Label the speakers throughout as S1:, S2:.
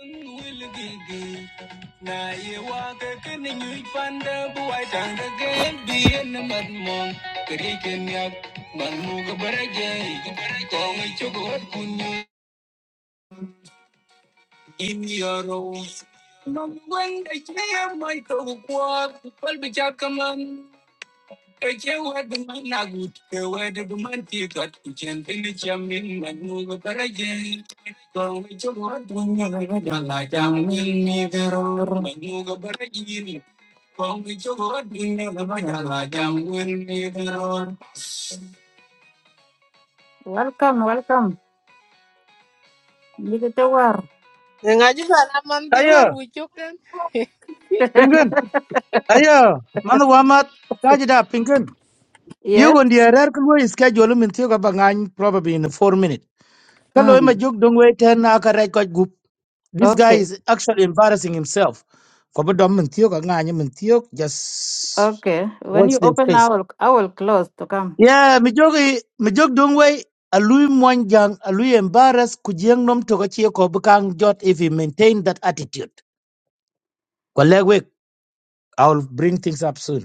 S1: Wilgigi, na ye panda buai tanga gen bien na mad mong kenyak man mu ka baraje kong ay chokot kunyu in yaro mong wen ay chaya may to kuwak pal bichak kaman Kake wadu man ke wadu du man tikat, pili chamin manu gabarage. Kong wicho wadu nyaga jamin ni veror manu gabarage. Kong wicho wadu nyaga jamin ni veror. Welcome, welcome. Give it a whirl.
S2: ngaji fana man ti war
S3: Ayo,
S2: wi
S3: pingin. Ayo, manu wamat. Kaji da pingin.
S1: yes?
S3: You on the error can we schedule him in Tioga Bangan probably in four minutes. Hello, my
S1: Mm.
S3: joke don't wait ten aka record group. This guy
S1: Okay,
S3: is actually embarrassing himself. Kobo dom in Tioga Ngany in Tiog, just
S1: okay. When
S3: watch
S1: you
S3: the
S1: open, I
S3: space.
S1: will, I will close to come.
S3: Yeah, my joke my joke don't wait. A Louis Mwanjang, a Louis embarrassed Kujiang Nom Togachio Kobukang Jot if he maintained that attitude. Colleague, I'll bring things up soon.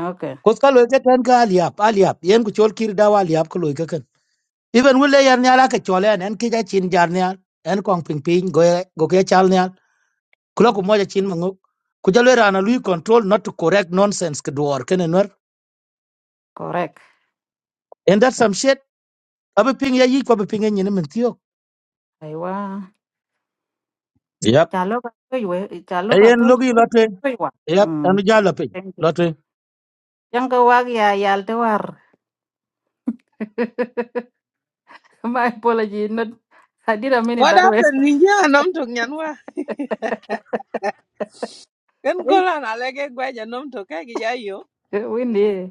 S1: Okay,
S3: kos ka loy ka tan ka aliap aliap yen ku chol kir dawa aliap ko loy ka kan even wule yan nyala ka chole an en kija chin jar nyal en kong ping ping go go ke chal nyal kulo ku moja chin manguk ku jalo rana lui control not to correct nonsense ke duor ken enwer
S1: correct.
S3: and that's some shit abe ping ya yi ko abe ping nyen men tiyo
S1: Aywa.
S3: yep
S1: Chalo ka toy we chalo ka
S3: ayen
S1: toy
S3: logi
S1: toy
S3: lotwe
S1: ka toy wa.
S3: yep anu
S1: Mm. Thank
S3: jalo ping
S1: thank you.
S3: lotwe
S1: Yang ka wag ya yal te war. My apology. Not I didn't mean it
S2: what
S1: that way.
S2: happened ni ya nam tok nyan wa ken golan alege gwaja nam tok ke gi jayo
S1: Windy.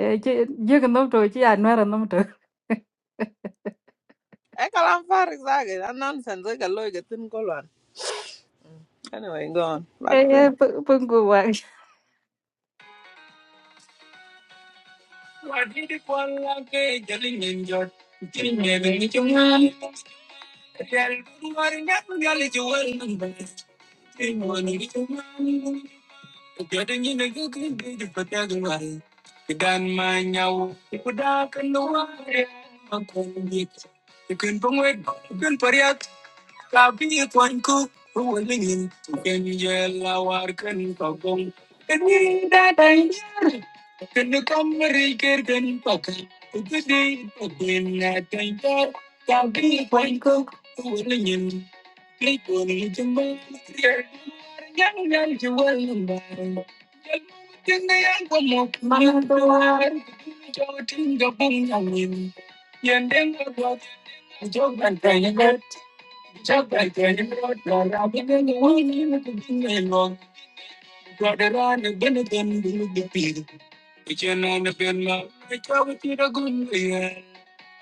S1: Eh je ka nom to chi anwar nom to.
S2: e kalam farik zage an nonsense ga loy ga tin golan anyway go on back to it.
S1: Eh pung ku wa. Kadaluluwarin yapo galit jo warin babas, ino anu gitu mani. Kadalinyo nagkukulit patay ng walay. Kadan manyaw, ipudakan luwarin magkungit. Ikun pangwek, ikun pariat, kabi ikwan ko angku, huwag langin. Ikun yela warin pagong, ikunin daing. Ikun kamari kyun pagkun, ikun di, ikun na kain ka, kabi ikwan ko angku, huwag langin. People need to move here. Young, young, you will know. Radarana Benagan will be peed. Which an anabella, which I would eat a good year.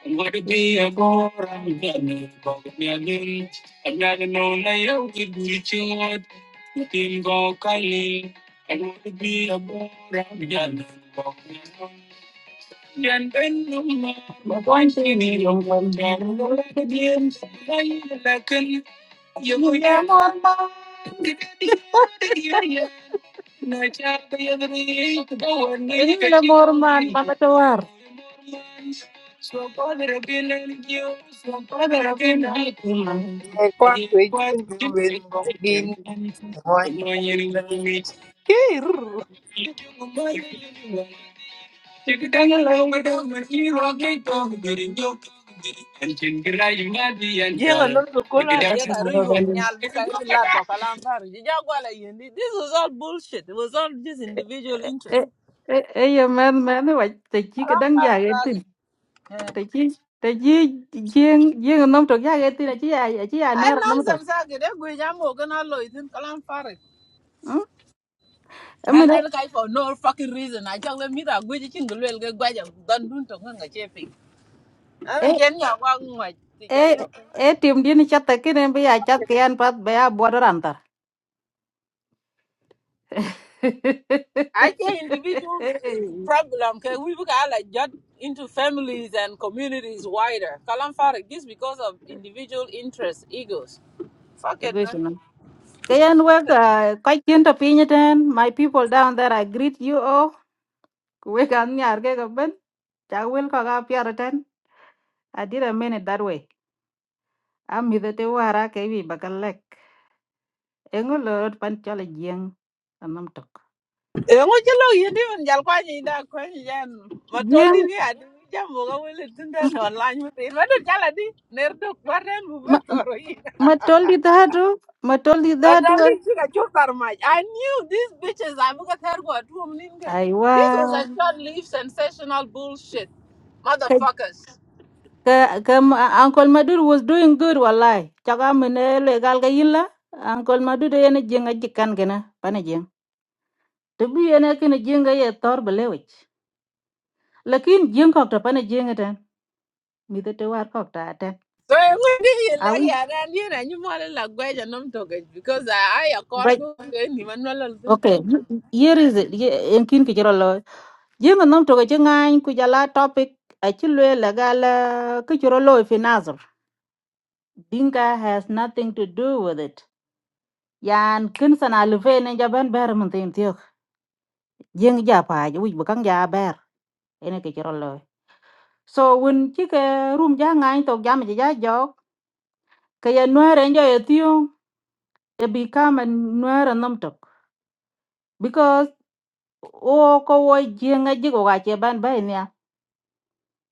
S1: And what it be a gore and done, but me a limb. I'm not a known layout, it will chord. You can go kindly. And what it be a gore and done. And then no more, my point in it, I'm going down to let the road I am a second, you know, yeah, my man, Ini la morman papa tuar.
S2: Yeah, quite we couldn't do it again. One minute. jenga nam tok golan je ga ru yom nyal bu ka ru la to kalam farik ji ja gwala yendi this was all bullshit it was all just individual interest
S1: Eh, eh, eh, man, man, wajah cik
S2: kalam
S1: kadang
S2: farik
S1: jaga
S2: zage
S1: te chi te chi jieng jieng nom tok ya ge ti na chi ya ya chi ya
S2: I
S1: nuer nom tok
S2: nonsense. I get a good jam or gonna load in Kalam Farik.
S1: mm
S2: I
S1: mi na
S2: let a guy for no fucking reason. I tell them, Mira, good you will get guided. Don't do to hunger chafing. I
S1: e
S2: mean, can you walk my
S1: e
S2: teacher?
S1: e tim di ni chat ke ne bi ya chat ke an pat be ya bo ran tar
S2: I think individuals' uh, problem can we look at like jut into families and communities wider. Kalam Farik, this because of individual interests, egos. Fuck it,
S1: Go
S2: man.
S1: shi nan. ke yan we ka ka chen to pi ten my people down there i greet you all we kan ni ar ke ga ben cha wel ka ga pi ten i did a minute that way am mi de te wara ke wi bakalek engol pan chale jieng nom tok
S2: Eŋo ci yendi min jal kwa nyi da kwa nyi jan ma
S1: Je,
S2: tol dir ge adi jam mo ga wele tinda
S1: m-
S2: no lan mi tin ma dir jala di ner do kwaren bu be
S1: ma-
S2: toro yi
S1: matoli dhatu matoli
S2: ma
S1: dhatu
S2: dal di ci chop tar ma I knew these bitches I buka ter go at home ninga
S1: aiwa
S2: this was a short lived sensational bullshit
S1: ka,
S2: motherfuckers so
S1: ka, ka ma- uncle madur was doing good wallahi chaka mene legal gal ga yilla uncle madur yana jenga jikan gena pana jeng to bi yana kene jenga ye tor belewich lakin jeng kok to pana jenga tan mi de te war kok ta tan
S2: eŋo di yi la
S1: awi
S2: ya ran yi na nyi mo la gwa ja nom to ge because I I a court
S1: right
S2: ni man no lol tinda
S1: okay here is it Ye- en kin ki jero lo jenga nam to ga jenga ku jala topic a chilwe la gal ki jero lo Dinka has nothing to do with it. Yan kinsan sana lufe ne jaban ber mun tin tiok. Jeng ja pa ju wuj bukang ja ber. Ene ke chiro loy. So when chike room ja ngai to jam ja jok. Kaya nuer njo ye tiong. It become a nuera numtok because o ko wo jenga jigo ga che ban bai nia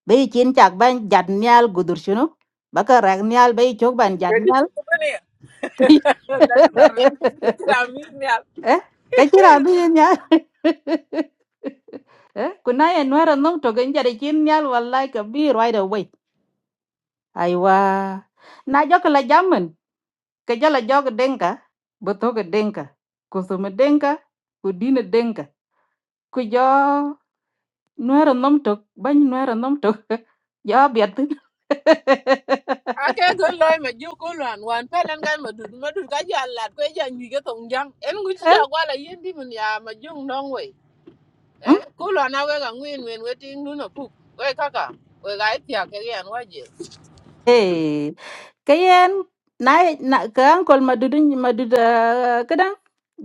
S1: be chin chak ban jat nyal gudur chuno baka rag nyal be chok ban
S2: ke di
S1: jat
S2: ci ko ne la ge tar ni
S1: eh kachira bi nya eh kuna ye nwera nong to genja de chin nyal wallahi ka bi right away aiwa na jok la jamen ke jala jog denka boto ke denka kusume denka kudine denka ku jo nwera nong to ban nwera nong to jo biat
S2: ake ko loy ma ju ko lwan wan pelen kan ma dud ma dud ka ja lat ko ja nyu ke tong jang en ngu chi ja kwa la yin di mun ya ma jung nong we eh ko lwan awe ka ngwin wen we ting nu no puk we kaka we ga tia ke yan wa je
S1: Hey, kayen nai na ka angkol madudun maduda kadang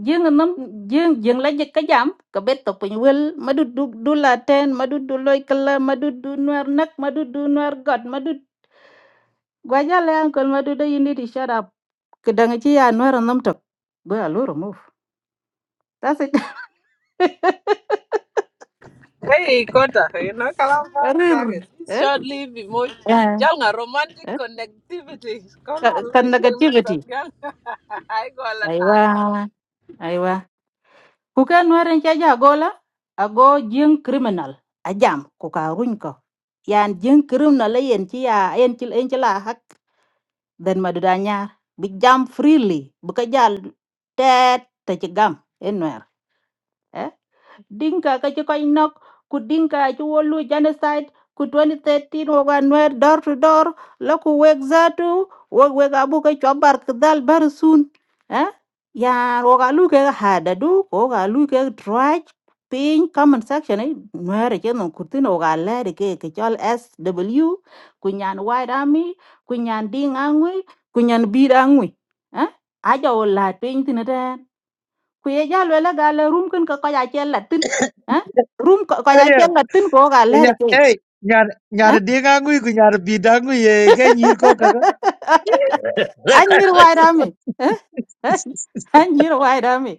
S1: jeng nam jeng jeng la jek kajam ka beto to pun wel madud du du la ten madud du loy kala madud du nuar nak madud du nuar god madud gwaja le angkol maduda you need to shut up kadang chi ya nuar nam tok go ya loro move that's it
S2: hey kota you know kalam far
S1: rir
S2: exactly this
S1: eh
S2: short live emoji
S1: yeah
S2: jal nga romantic
S1: eh
S2: connectivity ko lwan lo
S1: kan
S2: che men
S1: negativity
S2: tong jang ai ko la ta
S1: aiwa aiwa Ku ke nuerin cha ja gola ago jing criminal ajam ku ka runy ko. Yan jing criminal yen ci ya yen ci yen ci la hak den maduda nyar bi jam freely bu ka jal tet te ci gam en nuer dinka ka ci koy nok ku dinka ci wolu genocide ku 2013 woga nwer door to door la ku weg zatu wog weg abu ka chobar kdal bar sun eh ya woga lu ke hada du ko woga lu ke trach piny comment section ai nwere chen no kurtin woga lere ke ke chol sw kunyan white army kunyan ding angwi kunyan bir angwi eh aja wola piny tinata ku ye ja lwela ga la rum kin ko ko ja chen la tin ha rum ko ko ja
S3: aye
S1: chen la tin ko ga la
S3: nya
S1: ke
S3: ey nyar
S1: ha
S3: nyar dinga ngui ku nyar bidangui ye ke nyir ko kaka
S1: an wai da ha an wai da mi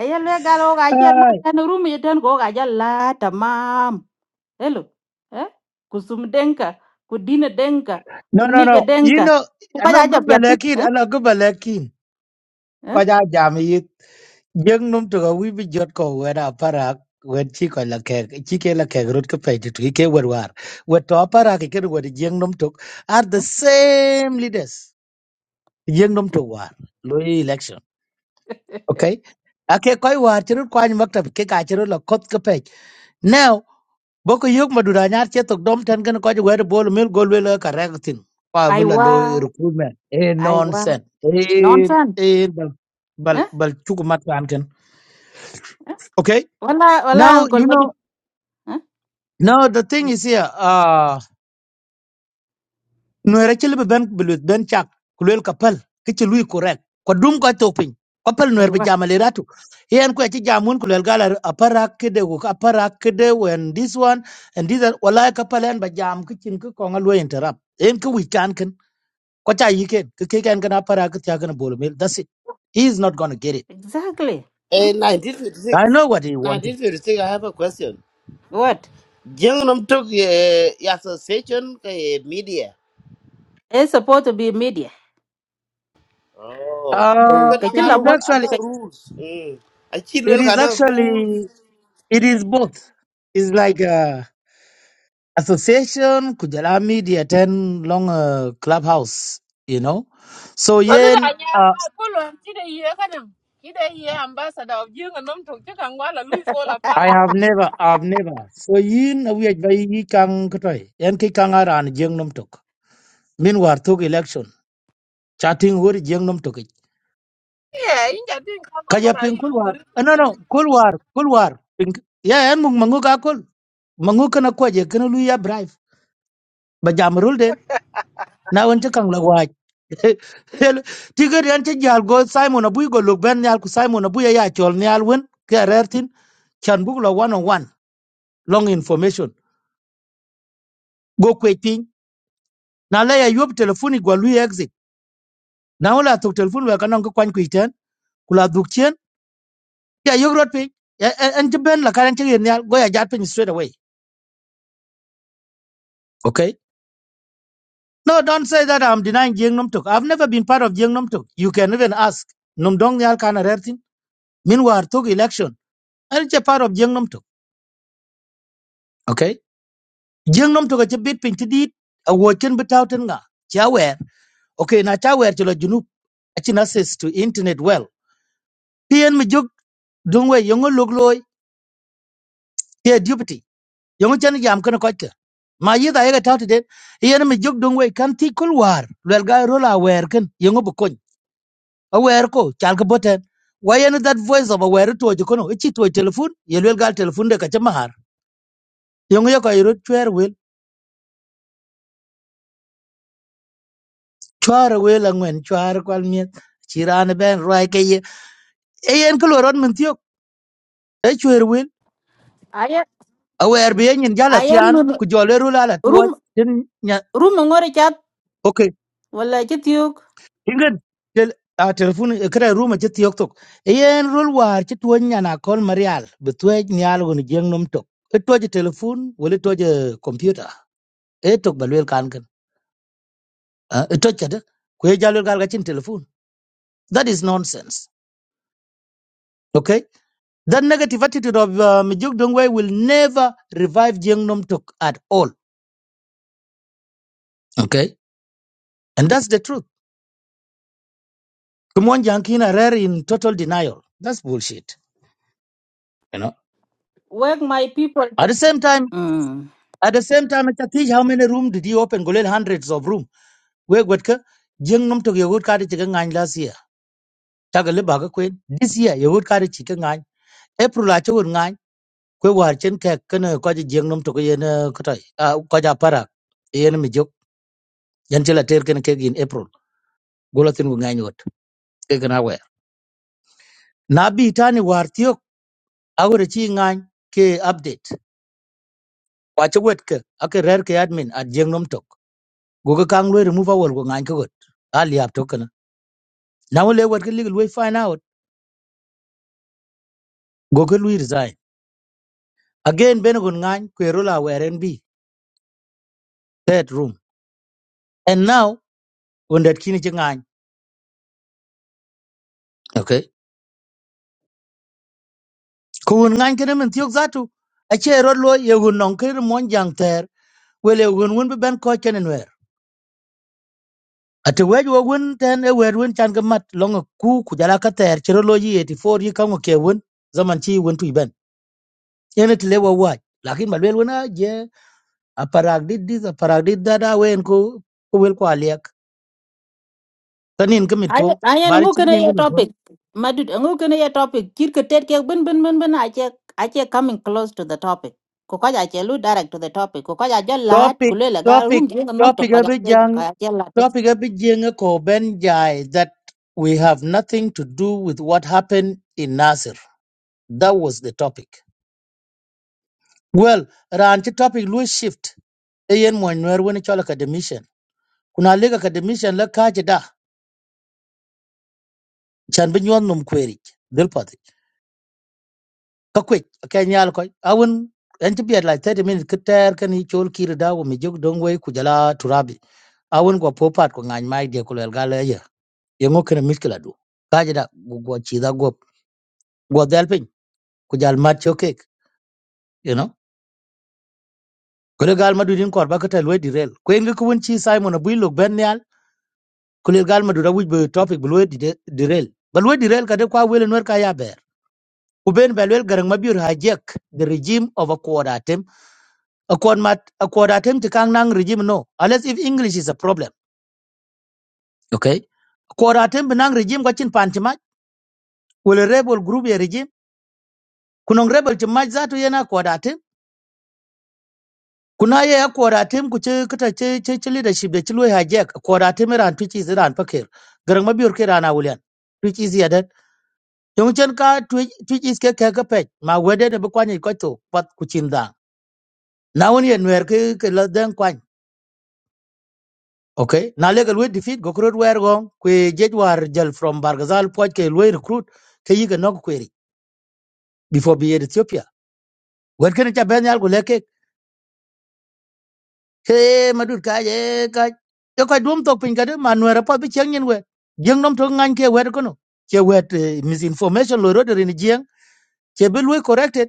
S1: aye le ga lo ga chen la tan rum ye tan ko ga ja la tamam hello ha ku denka ku dina denka ku
S3: No, no,
S1: niga
S3: no. You
S1: denka
S3: know,
S1: ku
S3: I
S1: ko ja
S3: know
S1: ja
S3: good
S1: pya
S3: balakin,
S1: ha
S3: I know good balakin.
S1: ha
S3: Kaja jam yit. Jeng num to go, we be jot ko wera parak. When chi ko la kek, chi ke la kek rut ke pe tu ke wer war. Wet to parak ke ke wer jeng num to are the same leaders. Jeng num to war. Lui election. Okay. Ake koi war chirut kwa ni maktab ke ka chirut la kot ke pe. Now boko yok madura nyar che tok dom ten ken ko jwe bol mil gol we la correcting pa bila
S1: aiwa
S3: lo recruitment e
S1: aiwa
S3: nonsense e
S1: nonsense
S3: e bal bal
S1: ha
S3: bal chuku mat kan ken okay
S1: wala wala
S3: now you
S1: uncle
S3: know
S1: Huh?
S3: now the thing is here uh no era chele ben bilut ben chak kulel kapal ke che lui correct ko dum ko topin kapal no
S1: I
S3: erbe
S1: what?
S3: jamale ratu yen ko che jamun kulel gala apara kede ko apara kede when this one and this are wala kapal en ba jam ke chin ko ngal we interrupt en ko wi Kocha he can kick and gonna para gonna ball mill. That's it. He is not gonna get it.
S1: Exactly. Huh?
S4: In
S3: I
S4: 1956,
S3: know what he wanted.
S4: 1956, I have a question.
S1: What?
S4: Jengnam took uh, association uh, media.
S1: It's supposed to be media.
S4: Oh, kanel
S1: Uh,
S3: Uh
S4: ka
S3: it
S1: kachila
S3: is
S4: nangaro
S1: mo.
S3: actually
S4: ana
S1: ka-
S4: rules. Mm.
S3: it
S4: Achilwel ka
S3: is
S4: na rules.
S3: actually it is
S4: Yeah.
S3: both. It's like uh association kujala media ten long uh, clubhouse, you know. So
S2: lo du da
S3: yen
S2: nya
S3: uh,
S2: ma ko lwan chi de ye ka nam chi de ye ambassador of jing nom tok che kan wa la lui fall apart
S3: I have never I've never. So yin we are by yi kang kutoi. Yen ki kang aran jeng nom tok. Meanwhile took election. Chatting word jeng nom tok.
S2: Yeah, in that thing, how come
S3: Kaja
S2: I
S3: ping kul war.
S2: mugger?
S3: Eh, No, no, kul war, kul war. Ping. Ya, en mung mangu ka kul. Mangu kana kwa je kana lu ya brave. Ba jam rul den. Na wan cha kang la waj. Tigar yan cha jal go Simon Abu go look ben yal ku Simon Abu ya ya chol ni al wen. Ka rertin. Chan buk la one on one. Long information. Go kwe ting. Na la ya yop telefoni go lu ya exit. Na wala tuk telefoni wa kana ko kwan kuiten. Kula duk chen. Ya yogrot ping. En en- en cha ben la karan cha yen yal go ya jat ping straight away. Okay. No, don't say that I'm denying Jeng Nomtok. I've never been part of Jeng Nomtok. You can even ask Num Dong Nyal Kana Rertin. Meanwhile, took election. And it's a part of Jeng Nomtok. Okay? Jeng Nomtok is a bit pinted a watching but out and nga. Chawer. Okay, na chawer chilo junup Achin access to internet well. PN mi jog dungwe yongo logloy here deputy. Yongo chan jam kana kotka. Ma yida yega tauti den. Iyan mi jog dungwe kan tikul war. Lwelga rola wer kan yongo aware ko chal ka boten wayen that voice of aware to ji kono ichi to telephone yelwel gal telephone de ka chamar yong yo ko iro chwer wel chwar wel angwen chwar kwal miet chiran ben roi ke ye eyen ko loron min tiok e chwer wel
S1: I
S3: aware be yen jala
S1: I am
S3: tian ku jole ru la la to
S1: room
S3: tin nya
S1: room ngore chat.
S3: okay
S1: Wala chitiuk.
S3: tingen tel a telephone e kra ruma ti tiok tok eyen rul war ti to nya na kol marial betwe nyal gon jeng nom tok e to ji telephone wel to ji computer e tok balwel kan itochade kwe jalwel gal gachin telephone that is nonsense okay that negative attitude of uh, mijuk dongwe will never revive jeng nomtok at all okay and that's the truth kumon jankina rare in total denial that's bullshit you know
S1: Work my people.
S3: at
S1: that-
S3: the same time
S1: Mm.
S3: at the same time atatish how many room did he open golel hundreds of room we gwetka jeng nomtok yogut kadi chiga ngany last year tagale baga kwen this year yogut kadi chiga ngany april achogun kwe war chen ke ken ko ji jeng nom to ko yen ko tai a ko ja para yen mi jok yan chela ter ken ke gin april gola tin ngai nyot ke kana we na bi tani war tiok awre chi ngai ke update wa che wet ke ake rer ke admin at jeng nom tok go ga kang lo remove awol go ngai ko got ali ap to kana na wole wet ke legal we find out go ke lui resign again ben gon ngai kwe rola weren bi that room and now on that kini che ngai kun ngany kene min tiok zatu ache rod lo yegun non kene mon jang ter wel yegun won be ben ko chenen wer ate wej wo gun ten e wer won chan gamat long ku ku jala ka ter chero lo yi 84 yi kango ke won zaman chi won tu ben ene tile wo wa waj. lakin malwel wona je aparag did this aparag did that awen ko ko wel ko aliak tanin kemit
S1: I
S3: po
S1: I am
S3: bari
S1: who
S3: chi
S1: can
S3: binin
S1: I
S3: kemit po.
S1: topic. Madud, who can I topic? Kirka tet kek bin bin bin bin. I check I check coming close to the topic. Kukaja chelu direct to the topic. Kukaja jalat
S3: topic
S1: kulela ga
S3: topic
S1: room jinga nom to
S3: topic
S1: kaja
S3: abi jang
S1: kaja jalat.
S3: topic abi jang ko ben jai that we have nothing to do with what happened in Nasir. That was the topic. Well, ranchi topic Louis shift. Ayen mo nwer woni chola academician. Kuna lega academician la kaje da chan bin yon num kweri. Dil pati. Ka kwek ka nyal ko awun en ti biat like 30 minutes kter kan i chol kir da wo mi jog dongwe kujala turabi. Awun go popat ko ngany mai de kulel yengo kene miskila du kaje da go chi da go go dal pin ku jal mat choke you know kule gal madu din kor bakata lwe di rel ko engi kun chi simon abu lok ben nyal kule gal madu da wuj be topic bu lwe di de- di rel ba lwe di rel kade kwa wele nwer ka ya ber ku ben ba lwe garang mabir hajek the regime of a quarter a quad mat a quarter tem ti kang nang regime no unless if english is a problem okay quarter tem benang regime kwa chin pantima wele rebel group ya regime kunong rebel ti maj zatu yena quarter kuna ye ya kwara tem ku ci kita ci ci ci leadership da ci loy hijack kwara tem ran twitch is ran fakir garan mabiyur ke rana wulian twitch is ya dat yong chen ka twitch twitch is ke ke ka pet ma wede ne bu kwani ko to pat ku chin da na woni en wer ke ke la den kwan okay na le gal we defeat go krod wer go ku jej war jal from bargazal poj ke loy recruit ke yiga nok query before be ethiopia wer ken ta ben yal go leke he madut ka ye ka yo ka dum tok pin ka de manuera pa bi chen yen we jeng nom to ngan ke wer kono ke wet eh, misinformation lo ro de ni jeng ke bi lu corrected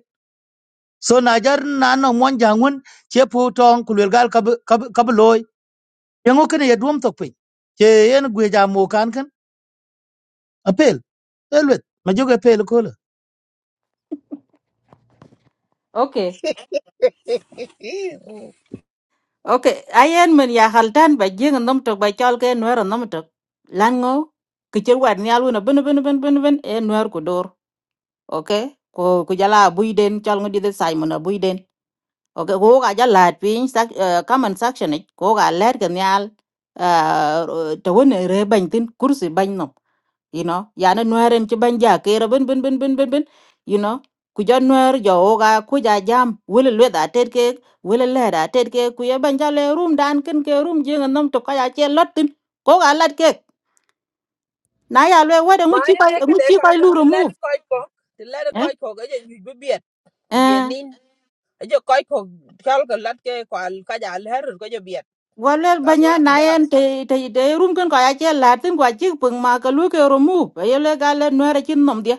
S3: so na jar na no mon jangun ke pu tong ku lel gal ka bi- ka bi- ka bi loy yengo kene ye dum tok pin ke yen gwe ja mo kan kan apel elwet ma joge pel ko la
S1: Okay. Okay, ayen men ya haltan ba jeng nom tok ba chol ke nwer nom tok. Lan ngo ke cher war ni aluna ben ben ben ben ben e nwer ko dor. Okay? Ko ko jala bui den chol ngodi de Simon a bui den. Okay, ko ga jala pin sak uh, comment section ni ko ga ler ke nyal uh, to won re ban tin kursi ban you know yana nuer en ci banja kera bin bin bin bin bin bin you know ku ja nuer jo oga ku ja jam wele le da ted ke wele le da ted ke ku ya banja le room dan ken ke room je ngam to ka ya che lot tin ko ga lat ke na ya le wede mu
S2: My
S1: ci koy
S2: neck,
S1: ngu
S2: they
S1: ci koy lu
S2: can let the
S1: remove
S2: koi cock, the let the
S1: eh
S2: koi cock, and you be beat. You
S1: eh
S2: need a jo koi cock, calc a latte, call Kajal Herr, go your beat.
S1: wale
S2: That's
S1: banya
S2: what he
S1: na en
S2: does.
S1: te te de room ken ka ya che lat tin kwa ci pung ma ka lu ke remove e ye le ga le nuer ci nom dia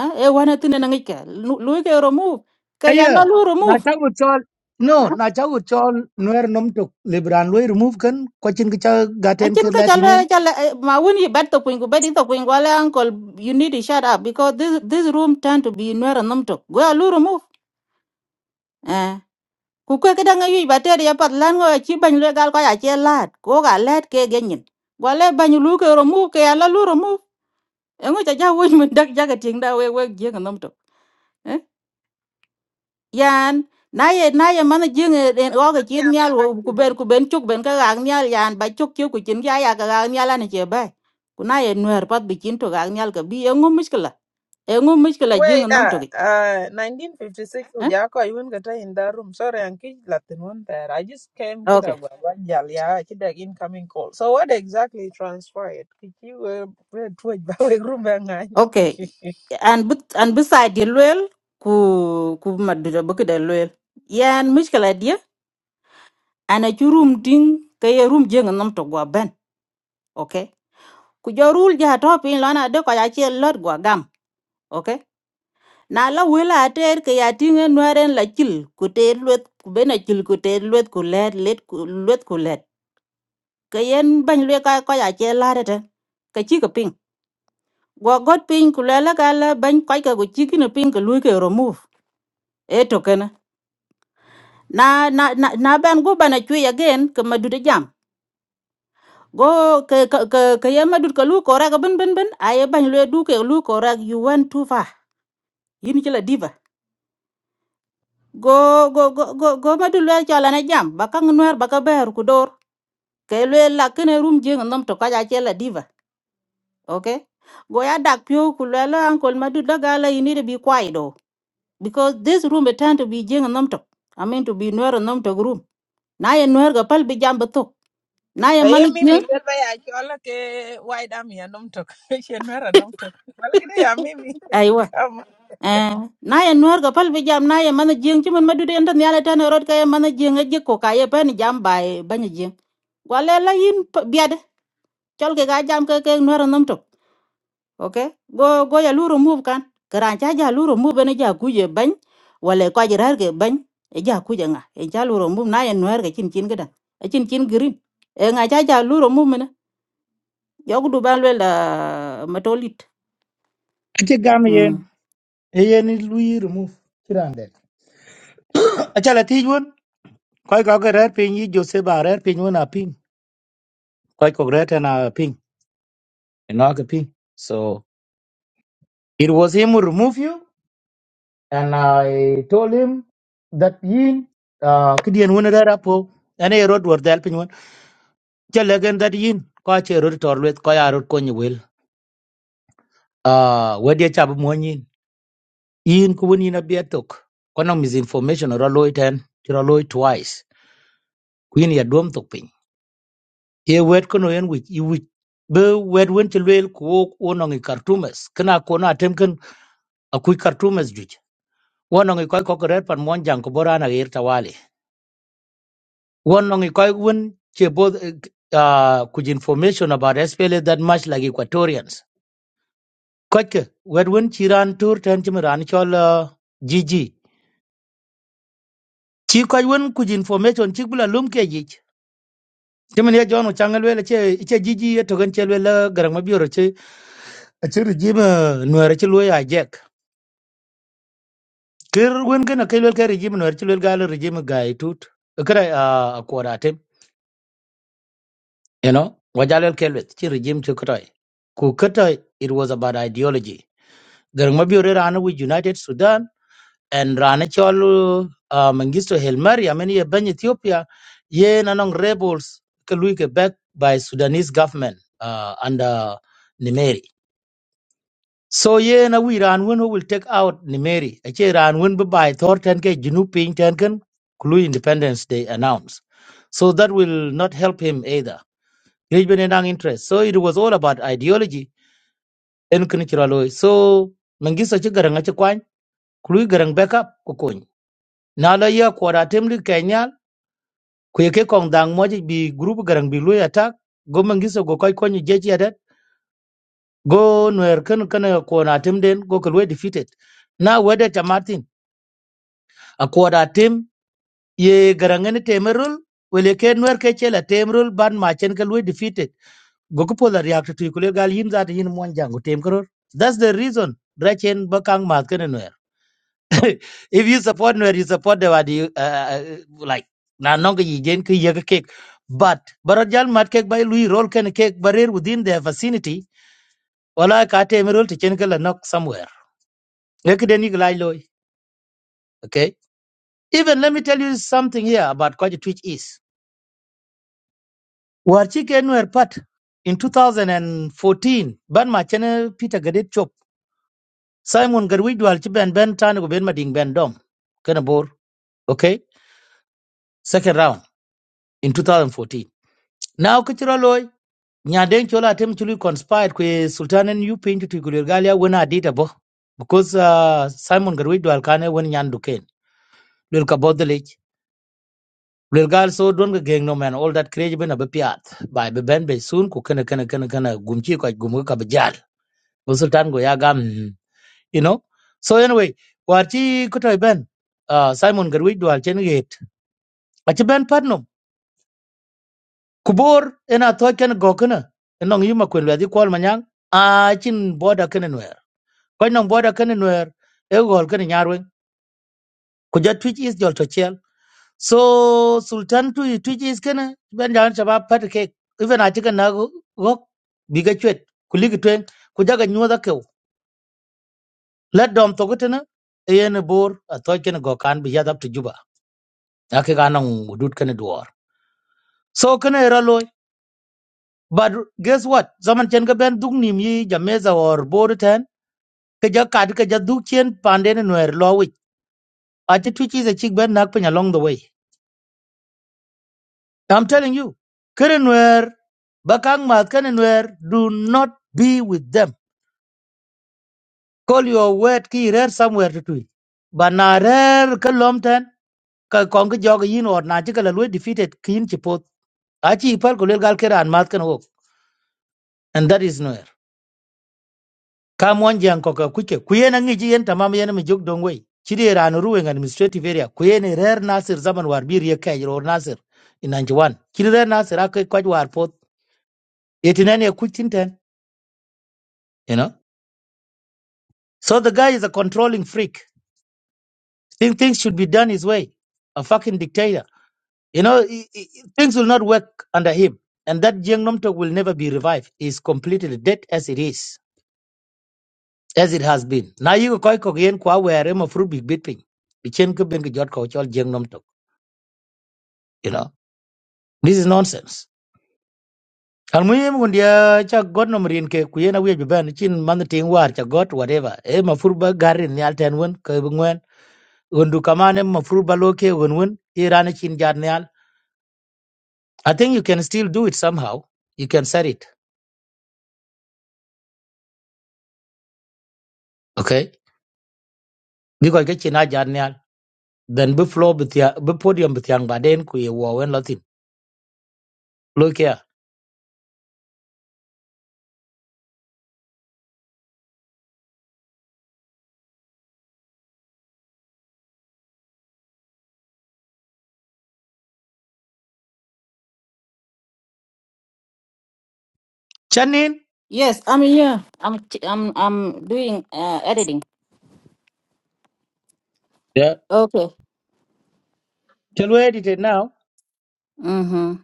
S1: eh e wana tin na ngi ke lu lu ke remove ke ya
S3: aya
S1: na lu
S3: na
S1: remove
S3: ta go chol no
S1: eh.
S3: na ta go chol nuer nom tok libran lo remove kan ko chin ka gaten ke
S1: Akin ka
S3: latinen
S1: chala chala eh, ma when you bet to kwingu bet to kwingu ale uncle you need to shut up because this this room tend to be nwera namto. Go alu remove. Ku kwe kida nga yui bateri ya pat lan ngo chi bany le gal ko ya che lat. Ko ga let ke genyin. Go le lu ke remove ke ala lu remove. Engo cha ja wo mun dak jaga ting da we we jeng namto. yan na ye na ye man jing en o ga chin
S2: Yeah,
S1: nyal
S2: now
S1: wo
S2: I-
S1: ku
S2: hear.
S1: ben ku ben chuk ben ka ga nyal yan ba chuk chu ku chin ya ya ga ga nyal an che ba ku na ye nwer pat bi chin to ga nyal ka bi en ngum miskla en ngum miskla jing
S2: Wait,
S1: nom to
S2: uh,
S1: gi
S2: uh, 1956,
S1: eh
S2: Ujako, I wouldn't get in that room. Sorry, I'm kid Latin one there. I just came to the
S1: okay
S2: Wajal, yeah, to the incoming call. So, what exactly transpired? Did you were to a
S1: okay
S2: room?
S1: and but and beside the lwel ku ku ma du ba ka lwel yan miskla dia ana churum ding ka ye rum jing nom to gwa ben okay ku jorul ja to pin lana de ko ya che lot gwa gam okay na la wila ater ke ya tinge nwaren la chil ku ter luet ku bena chil ku ter luet ku let let ku luet ku let ke yen ban lue ka ko ya che la de ke chi ke ping go got ping ku ka la ban ko ka ku chi ki ne ping ke lu ke remove e to ke na na na na na ban go bana chu again ke ma jam go ke ke ke ke yen ma du ke lu ko ra ben ben ben aye ban lue du ke lu ko ra you went too far yin chi la diva go go go go go ma du lue cha na jam bakang ka nwer ba ka ke lwe la kene rum jeng nom to kaja che chela diva okay go ya dak pyo ku la la madu daga la you need to be quiet though because this room it tend to be jeng nom to i mean to be nuer nom to room na ye nuer ga pal bi jam to na ye man
S2: Aye, Mimi,
S1: jeng
S2: lel ba ya chola ke wide am ya nom tok. She nwera nom tok. Wala gidi ya Mimi.
S1: aywa
S2: Come, on,
S1: eh na ye nuer ga pal bi jam na ye man jeng ci madu de ndan yala tan rod ka ye man jeng ga ko ka ye ban jam bay ban jeng wala la yin biade chol ke ga jam ke ke nuer nom to okay go go ya lu remove kan karan cha ja lu remove ne ja ku je ban wala ko ja rar ke ban e ja ku je nga e ja lu remove na en wer ke chin chin gada e chin chin green e nga cha ja lu remove ne yo ku du ban le la matolit
S3: ate gam yen
S1: mm.
S3: eyeni lui remove kiran det achala ti jun koy ko ko rer pin yi jose ba rer pin wona pin koy ko rer na pin no ke pin so it was him who removed you and i told him that yin uh, kidien wona rer apo ene rod wor dal pin won chale gen that yin ko che rod torwet ko ya rod ko ni wel ah wedi chab mo yin yin ku woni na bietok kono misinformation ro loiten tiro loy twice Queen ya dom tok piny. ye wet kono yen wich i wich be wet wen ti luel ku wok wo nongi kartumes kena kona temken akui kartumes juic wo nongi koi ko ret pan mon jang ko borana yer tawali wo nongi koi wen che both uh, kuj information about SPLA that much like Equatorians koike wet wen chi ran tur ten chim ran chol uh, GG chi koi wen kuj information chi bula lum ke jich timin ye jonu changal wele che e che GG ye token che wele garang mabioro che e che regime nuere che luya kir wen kana kai lel kai regime no chilwel gal regime gai tut kra a kwaratem you know wajalel kelwet chi regime chi krai ku kata it was about ideology garang mabiore rana with united sudan and rana chol uh, mangisto helmari ameni ye ban ethiopia ye nanong rebels ke lui ke back by sudanese government uh, under nimeri So yen a we ran win who will take out Nimeri. A che ran win by Thornton ke Junu Ping Tenken Kulu Independence Day announced. So that will not help him either. Great Benedang interest. So it was all about ideology and Kunichiraloi. So Mengisa Chigarang Achakwan, Kulu Garang backup Kukun. Nala ya kwara temli Kenya, kuyeke kong dang moji bi group garang bi lui attack, go Mengisa go koi konyi jeji adat, go nwer kan kana kona temden go kalwe defeated. Now whether Martin. akwada tim ye garangani temerul wele ke nwer ke chela temerul ban machen ke lui defeated goku pola react to ikule gal yin zata yin mon jangu tem karor that's the reason drachen bakang mat ken nwer if you support nwer you support the wadi uh, uh, like na nong yi gen ke yega cake but barajal mat cake by lui roll ken cake barir within their vicinity wala ka temerul to chen ke la knock somewhere ekden iglai loy okay even let me tell you something here about kwaji twitch is Warchike were part in 2014 ban ma chene Peter Gadet Chop Simon Garwij wal ci ben ben tane ko ben mading ben dom kana bor okay second round in 2014 now ko chiro loy nya den chola tem chulu conspired kwe Sultan and you yu pinju tu gulir galia wona dita bo because uh, Simon Garwij wal kane won nyan duken lul ka bodlej lul gal so don ga geng no man all that crazy ben a be piat. by be ben be soon ku kana kana kana kana gumchi ko gumga go sultan go ya gam you know so anyway war ci ko toy ben uh, simon garwi dual chen yet a ci ben patno kubor ena to ken go kana enong yuma kwen wedi kwal manyang a chin boda ken nwer ko nong boda ken nwer e gol ken nyarwen ku ja twitch is jol to chel so sultan tu twitch is ken ben jan chaba pat ke even a ci ken na go go biga chwet ku ligi twen ku da nyuwa let dom to gutena yen bor a to ken go kan bi yadap to juba ake ga nan mudut ken duor so ken era loy but guess what zaman chen ga ben dug nim yi jameza or bor ten ke ja kad ke ja dug chen pande ne noer lo wi a ti tu chi ze chik ben nak pen along the way i'm telling you ken noer bakang mat ken noer do not be with them call your word ki rare somewhere to tweet but na rare ke lom ten ka kong ke jog yin or na chi ka la defeated kin chi achi ipal ko lel gal ke ran mat kan wok and that is nowhere kam wan jang ko ka kuke kuyen angi ji yen tamam yen mi jog dong wei chidi ran ruwe ngan administrative area kuyen e rer nasir zaman war bir ye kay or nasir in 91 chidi rer nasir akai kwaj war pot 89 ye kuchin ten you know so the guy is a controlling freak think things should be done his way a fucking dictator you know i- i- i- things will not work under him and that jeng nom will never be revived He is completely dead as it is as it has been na yi ko koy ko yen kwa were ma fruit big bit ping. bi chen ko ben ko jot ko chol jeng nom tok you know this is nonsense al muhim gun dia cha god nom rin ke ku yen awie ben chin man ting war cha god whatever e ma fruit ba garin nyal ten won ko bu ngwen gun du kamane ma fruit ba lo ke gun won iran chin jar nyal i think you can still do it somehow you can set it okay because ke chin a jar nyal then bu floor, bu tia bu podium bu tiang ba den ku ye wo wen lotin Look here. chanin
S1: yes i'm here i'm ch- i'm i'm doing uh, editing
S3: yeah
S1: okay
S3: tell where it is now
S1: mhm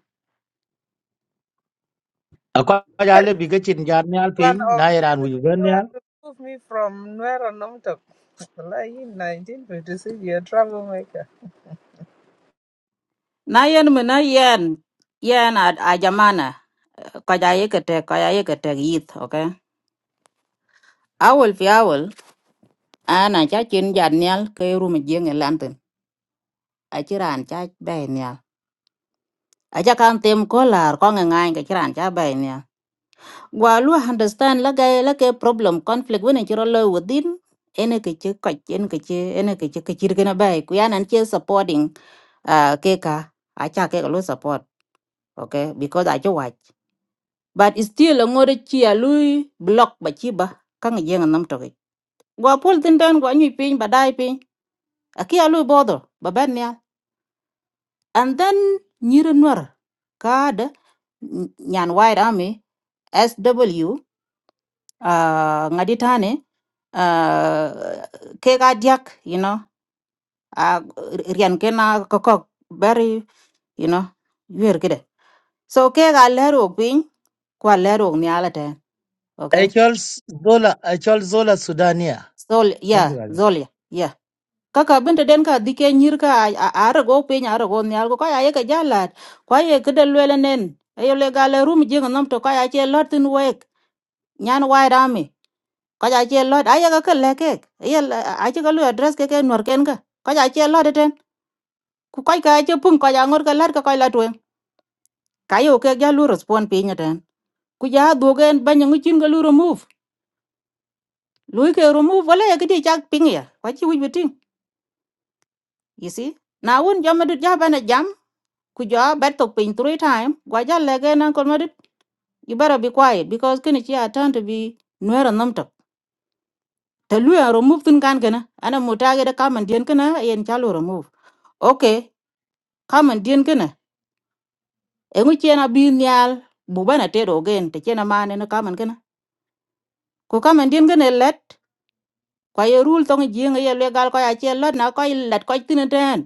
S3: Akwa jale biga chin jar nyal
S2: son
S3: piny na
S2: of
S3: Iran
S2: man,
S3: wuj ben
S2: you are
S3: nyal.
S2: to remove me from nwera nom tok. Wala yin 1956, you're a troublemaker.
S1: na yen me na yen yen a, a jamana ko ja ye ke te ko ja ye ke te okay awol fi awol ana cha chin jan nyal ke rum jeng landen a chiran cha bay nyal a cha kan tem kolar ko nga ngai ke chiran cha bay nyal gwa lu understand la ga la ke problem conflict when chiro lo within ene ke che ko chen ke che ene ke che ke chir gena bay ku yan che supporting uh, ke ka acha ke lo support okay because a watch but still ngore chi a lui block ba chi ba kan jeng nam to ke gwa pol tin dan gwa nyi pin ba dai pin a ki a lui bodo ba ben And then Nyiri Nuer, Kaada, Nyan White Army, SW, uh, Ngaditane, uh, Kega Diak, you know, uh, Rian Kena Kokok, very, you know, you're good. So Kega Lero Pin, Kwa Lero Nyalate,
S3: I
S1: okay?
S3: chol s- zola I chol zola Sudania.
S1: So, yeah,
S3: Something like that.
S1: Zolia, yeah. kaka binte den ka dike nyir ka ara go piny ara go nyal go kaya yeke jalat kwa ye kede lwele nen ayo le gale rum jing nom to kaya che lot tin wek nyan wai rami kaya che lot aye ka ke lekek aye ache ka lu address ke ke nor ken ka kaya che lot e ten ku kai ka che pung kaya ngor ka lat ka kaya latwen kayo ke ja lu respond pe ten ku ja duogen banya nguchin ga lu remove lu ke remove wala ye kidi chak ping ya kwa chi wij biting you see na wun jamadut jabana jam Kuja jo bet to pin three time gwa ja lege nan kon you better be quiet because kini chi atan to be nuera nam tok ta lu remove tun kan kana ana mutage da kaman dien kana yen chalo remove okay kaman dien kana e ngu chena bi nyal bu bana te do gen te chena mane na kaman kana ko kaman dien kana let kwa ye rule tong jing ye le gal ko ya che lot na ko let ko tin ten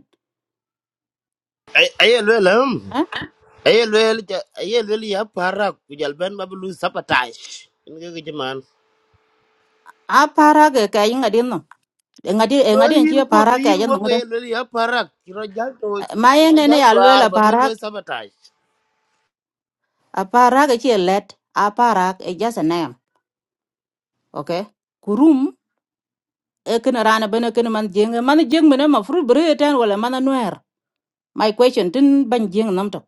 S4: Ay ayelwel hum.
S1: eh?
S4: Ayelwel ja- ayelwel ya para kujal ben bablu sabotage. Inge ke jaman.
S1: a para ka yin adin no ngadi
S4: No
S1: ngadi en
S4: yin
S1: chi
S4: go
S1: para ka
S4: yin
S1: jan
S4: go
S1: ngada
S4: ayelwel ya para kiro jal to
S1: ma ye
S4: kiro
S1: ne ne
S4: jal
S1: ya le
S4: war bablu sabotage.
S1: Aparak e ci let, aparak e just a name, okay? Kurum e kena rana bene kena man jeng, man jeng mene ma fruit bere e ten wala man nuer. My question tin ban jeng namto.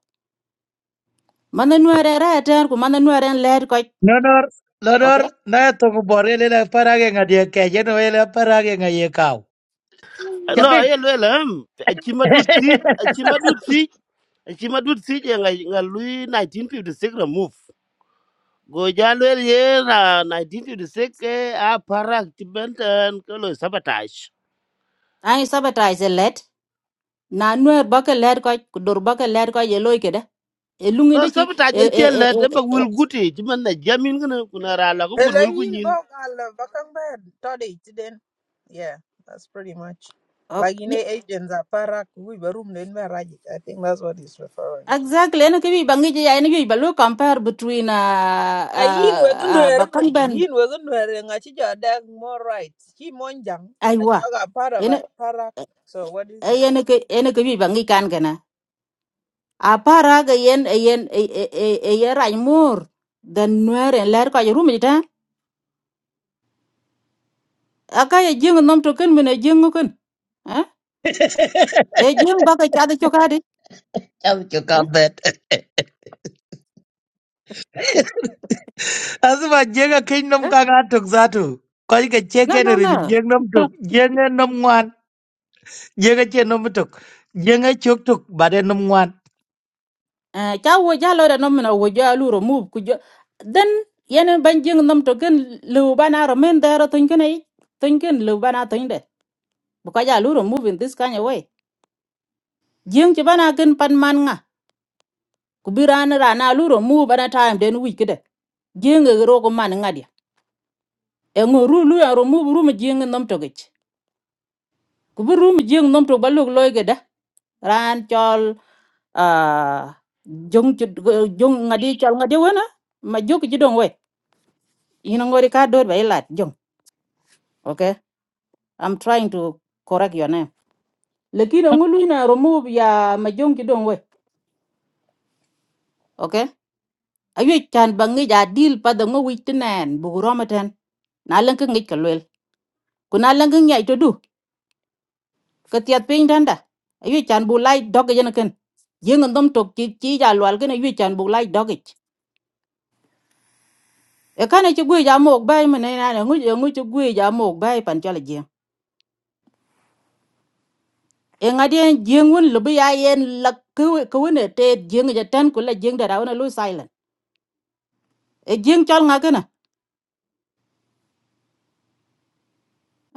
S1: Man nuer e re e ten ku man nuer en let koch,
S3: Nodor nodor
S1: okay?
S3: na ya to ko bore le la parage ngadi ke je no le parage ngaye kaw.
S4: no
S3: Chapik.
S4: ye lwela em achi madut si achi madut si achi madut si je nga nga lui 1956 remove go ja lwel ye na 1956 ke a parak ti benten ko lo sabotage
S1: Ai sabotage e let, na nuer baka let koch, Dor baka let koch e loy kede. E
S4: no
S1: lungi de ci, e,
S4: sabotage
S1: e,
S4: che
S1: e,
S4: le de
S1: e, e.
S4: ba wil
S1: e-
S4: guti ti man na jamin gna kuna ra la ko gud
S2: Hello, yin
S4: wil
S2: bo gal bakang ba todi tiden. Yeah, that's pretty much.
S1: ok.
S2: Like in agents are parak, we barum den ba rajik. I think that's what he's referring to.
S1: Exactly, ene kibi bangi ji ya ene compare between uh,
S2: a yin
S1: uh,
S2: wegi
S1: uh,
S2: nuer bin
S1: bakang ben,
S2: yin wegi nuer ŋa ci jo dek more right ci monjang a
S1: aywa.
S2: joga part of a parak so what is it
S1: yen ke yen ke bi bangi kan kana apara ga yen yen e e mur den nuer en ler ka rum ta aka ye jing nom to ken mena jing ken eh e jing ba ka cha de chokade
S3: Chal cho ka
S1: eh
S3: bet. Asu ba jega kin nom ka ga tok zatu. Ko ga
S1: no
S3: cheke ne
S1: no
S3: rin
S1: no
S3: jeng nom tok
S5: 1956.
S3: jeng nom ngwan jega che nom tok jeng chok tok bade nom ngwan.
S1: eh cha wo ja lo no mena wo ja lu ro mu ku jo yen ban jing nom to ken lu bana ro men da ro tun ken ai tun ken lu bana tun de bu ka ja lu ro mu in this kind of way jing chi bana ken pan man ku bi ran rana lu remove bana time then week de jing ro ko man ngadia e ngo ru ya remove ru mi jing nom to gech ku bi jing nom to balog loy da ran chol ah jong chit- go- jong ngadi chol ngadi wana ma jok ji we ina ka dor ba ilat jong okay i'm trying to correct your name Lekina ngulu na remove ya ma jong ji we okay ayo chan bangi ya deal pa da ngo wit nan bu romaten na lan ka kuna langi nyai to du ka tiat danda ayu chan bu lai dog yen ken yeng ndom tok chi chi ja lwal ayu chan bu lai dog ich e kan chi gwe ja mok bai mene na na ngu ngu chi gwe ja mok bai pan chala jeng e ngadien jeng won lubi ya lak ku te jeng ja tan ku la jeng da ra na lu silent e jeng chal nga ken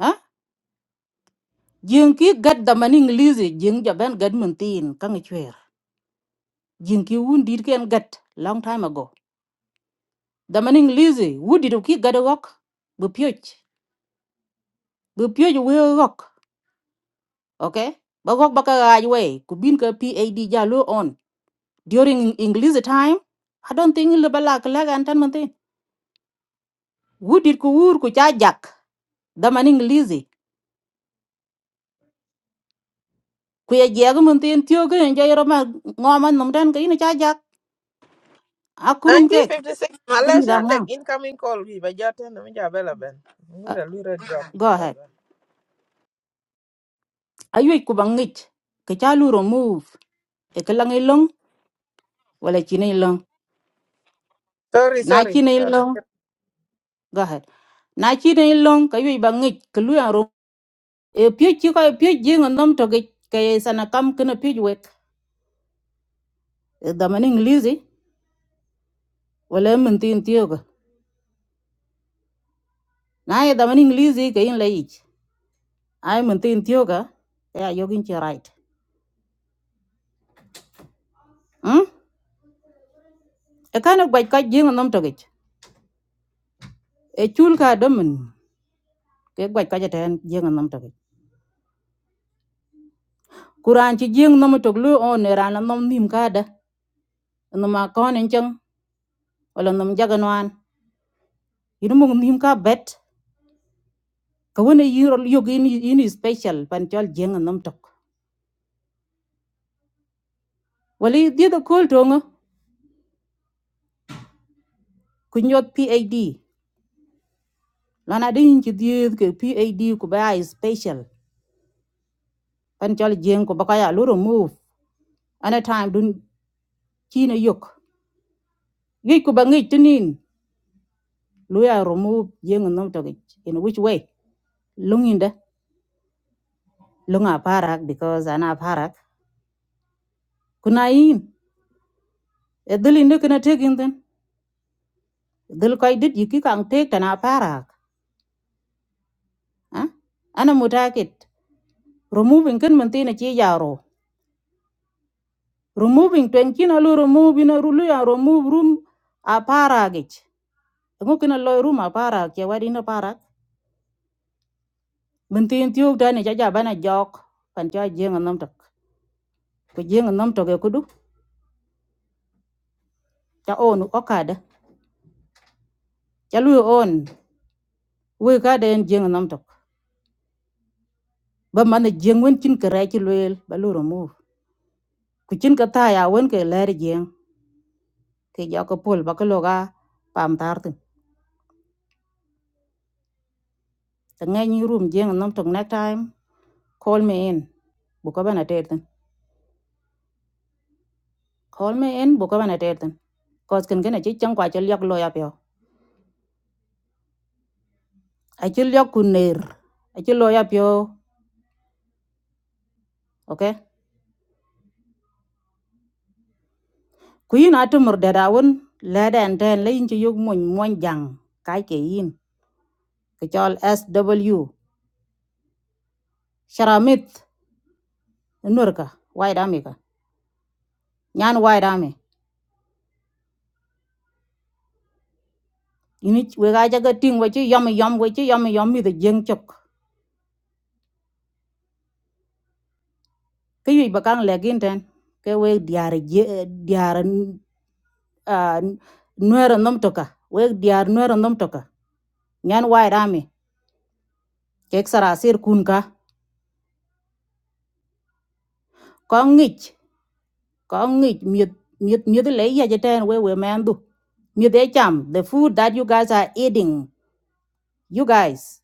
S1: ha ki gat da man english jeng ja ben tin kan chwer jeng ki wun dit gat long time ago da man english wudi ki gat wok bu bu pyo ju we rock, okay ba gok ba ka ga we ku bin ka pad ja lo on during english time i don't think le ba la ka la gan tan man tin wudit ku wur ku cha jak da man english ku ye je ga man tin tyo ga en ja ro ma ngo man nam dan ka ina cha jak a kurum kek
S2: 1956
S1: tun da
S2: malaysian the
S1: nga
S2: incoming call we ba joten mi jo bela ben
S1: Ah,
S2: ngura lura job
S1: go ahead ayoy ku bangich ka cha lu remove e ka lang ilong wala chi na ilong
S2: sorry
S1: na
S2: sorry
S1: chi na
S2: sorry
S1: ilong go ahead na chi na ilong ka yoy bangich ka lu e piöc cï ko piöc jïŋ nom tögëc keye sana kam kënë piöc wëk e dhaman ingilizi wala e mïn thïn thiökö na e dhaman ingilizi kaya in laic a yogin mïn thïn thiökö e ayögïn cï right mm? e kan e gwac köc jïŋ nom tögëc e chul ka dömën ke gwac köc ëtën jïŋ nom tögëc ku raan cï jïŋ nom tök lu on e raan la nom nim kada nom akön encöŋ wala nom jagënwan in mok nim ka bët kawën e yök in, special pan cöl jïŋ nom tök wala dhiëdhö kol töŋö Kunyot PAD Lana din chi dhieth ke PAD kubaya ba special pan chol jeng ku ba ka ya lu remove ana time dun chi na yok gi tunin luya remove jeng nom to in which way lunginda lunga parak because ana parak kunain? yin e dhil inde kana taking then dhil kai dit yiki kang take tana parak ah ana mutakit removing kan mantina chi yaro removing twenty na lu remove ina lu ya remove room a paragich ngu kina loy ruma para ke wadi na para min tin tiu jaja bana jok pan cha jenga nam tok ko jenga nam tok e kudu cha onu okada cha lu on we ka de jeng jenga nam tok ba man jeng wen chin kare chi luel ba lu mu ku chin ka ta ya wen ke ler jeng ke ja ko pol ba ko loga pam tar tin ta ngai ni rum jeng nam tok next time call me in bu ko bana ter tin call me in bu ko bana ter tin cause kin gana chi chang kwa cha lyak loya pyo acil yok ku ya pio ok ku yin atumur dada won leden ten leyin ci yog moñ moñ jang kay yin ke sw sharamit nurka wai dami ka nyan wai dami ini we jaga ting we ci yom yom we ci yom yom mi de jeng chok ke bakang legin ten ke we diar diar nuer nom toka we diar nuer nom toka nyan wai dami kek sarasir kun ka ko có nghịch miệt miệt miệt lấy ya jeten we we man do miệt e cham the food that you guys are eating you guys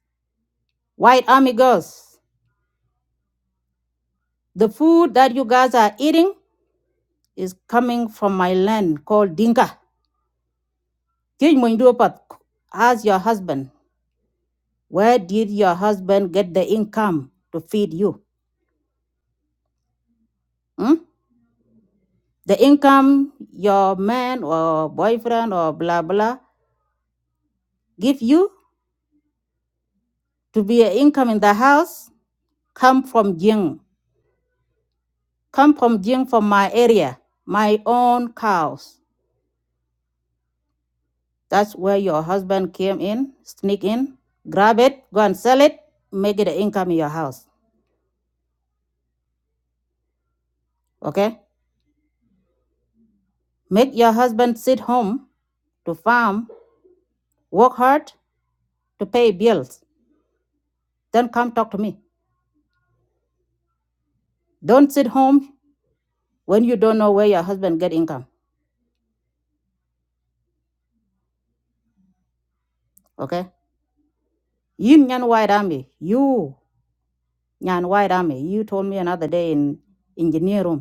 S1: white army girls the food that you guys are eating is coming from my land called Dinka. Kich Mwenduopat, ask your husband, where did your husband get the income to feed you? Hmm? The income your man or boyfriend or blah blah give you to be an income in the house come from Jing. Come from Jing from my area, my own cows. That's where your husband came in, sneak in, grab it, go and sell it, make it an income in your house. Okay? Make your husband sit home to farm, work hard to pay bills. Then come talk to me. Don't sit home when you don't know where your husband get income. Okay? You Nyan White Army, you Nyan White Army, you told me another day in engineer room.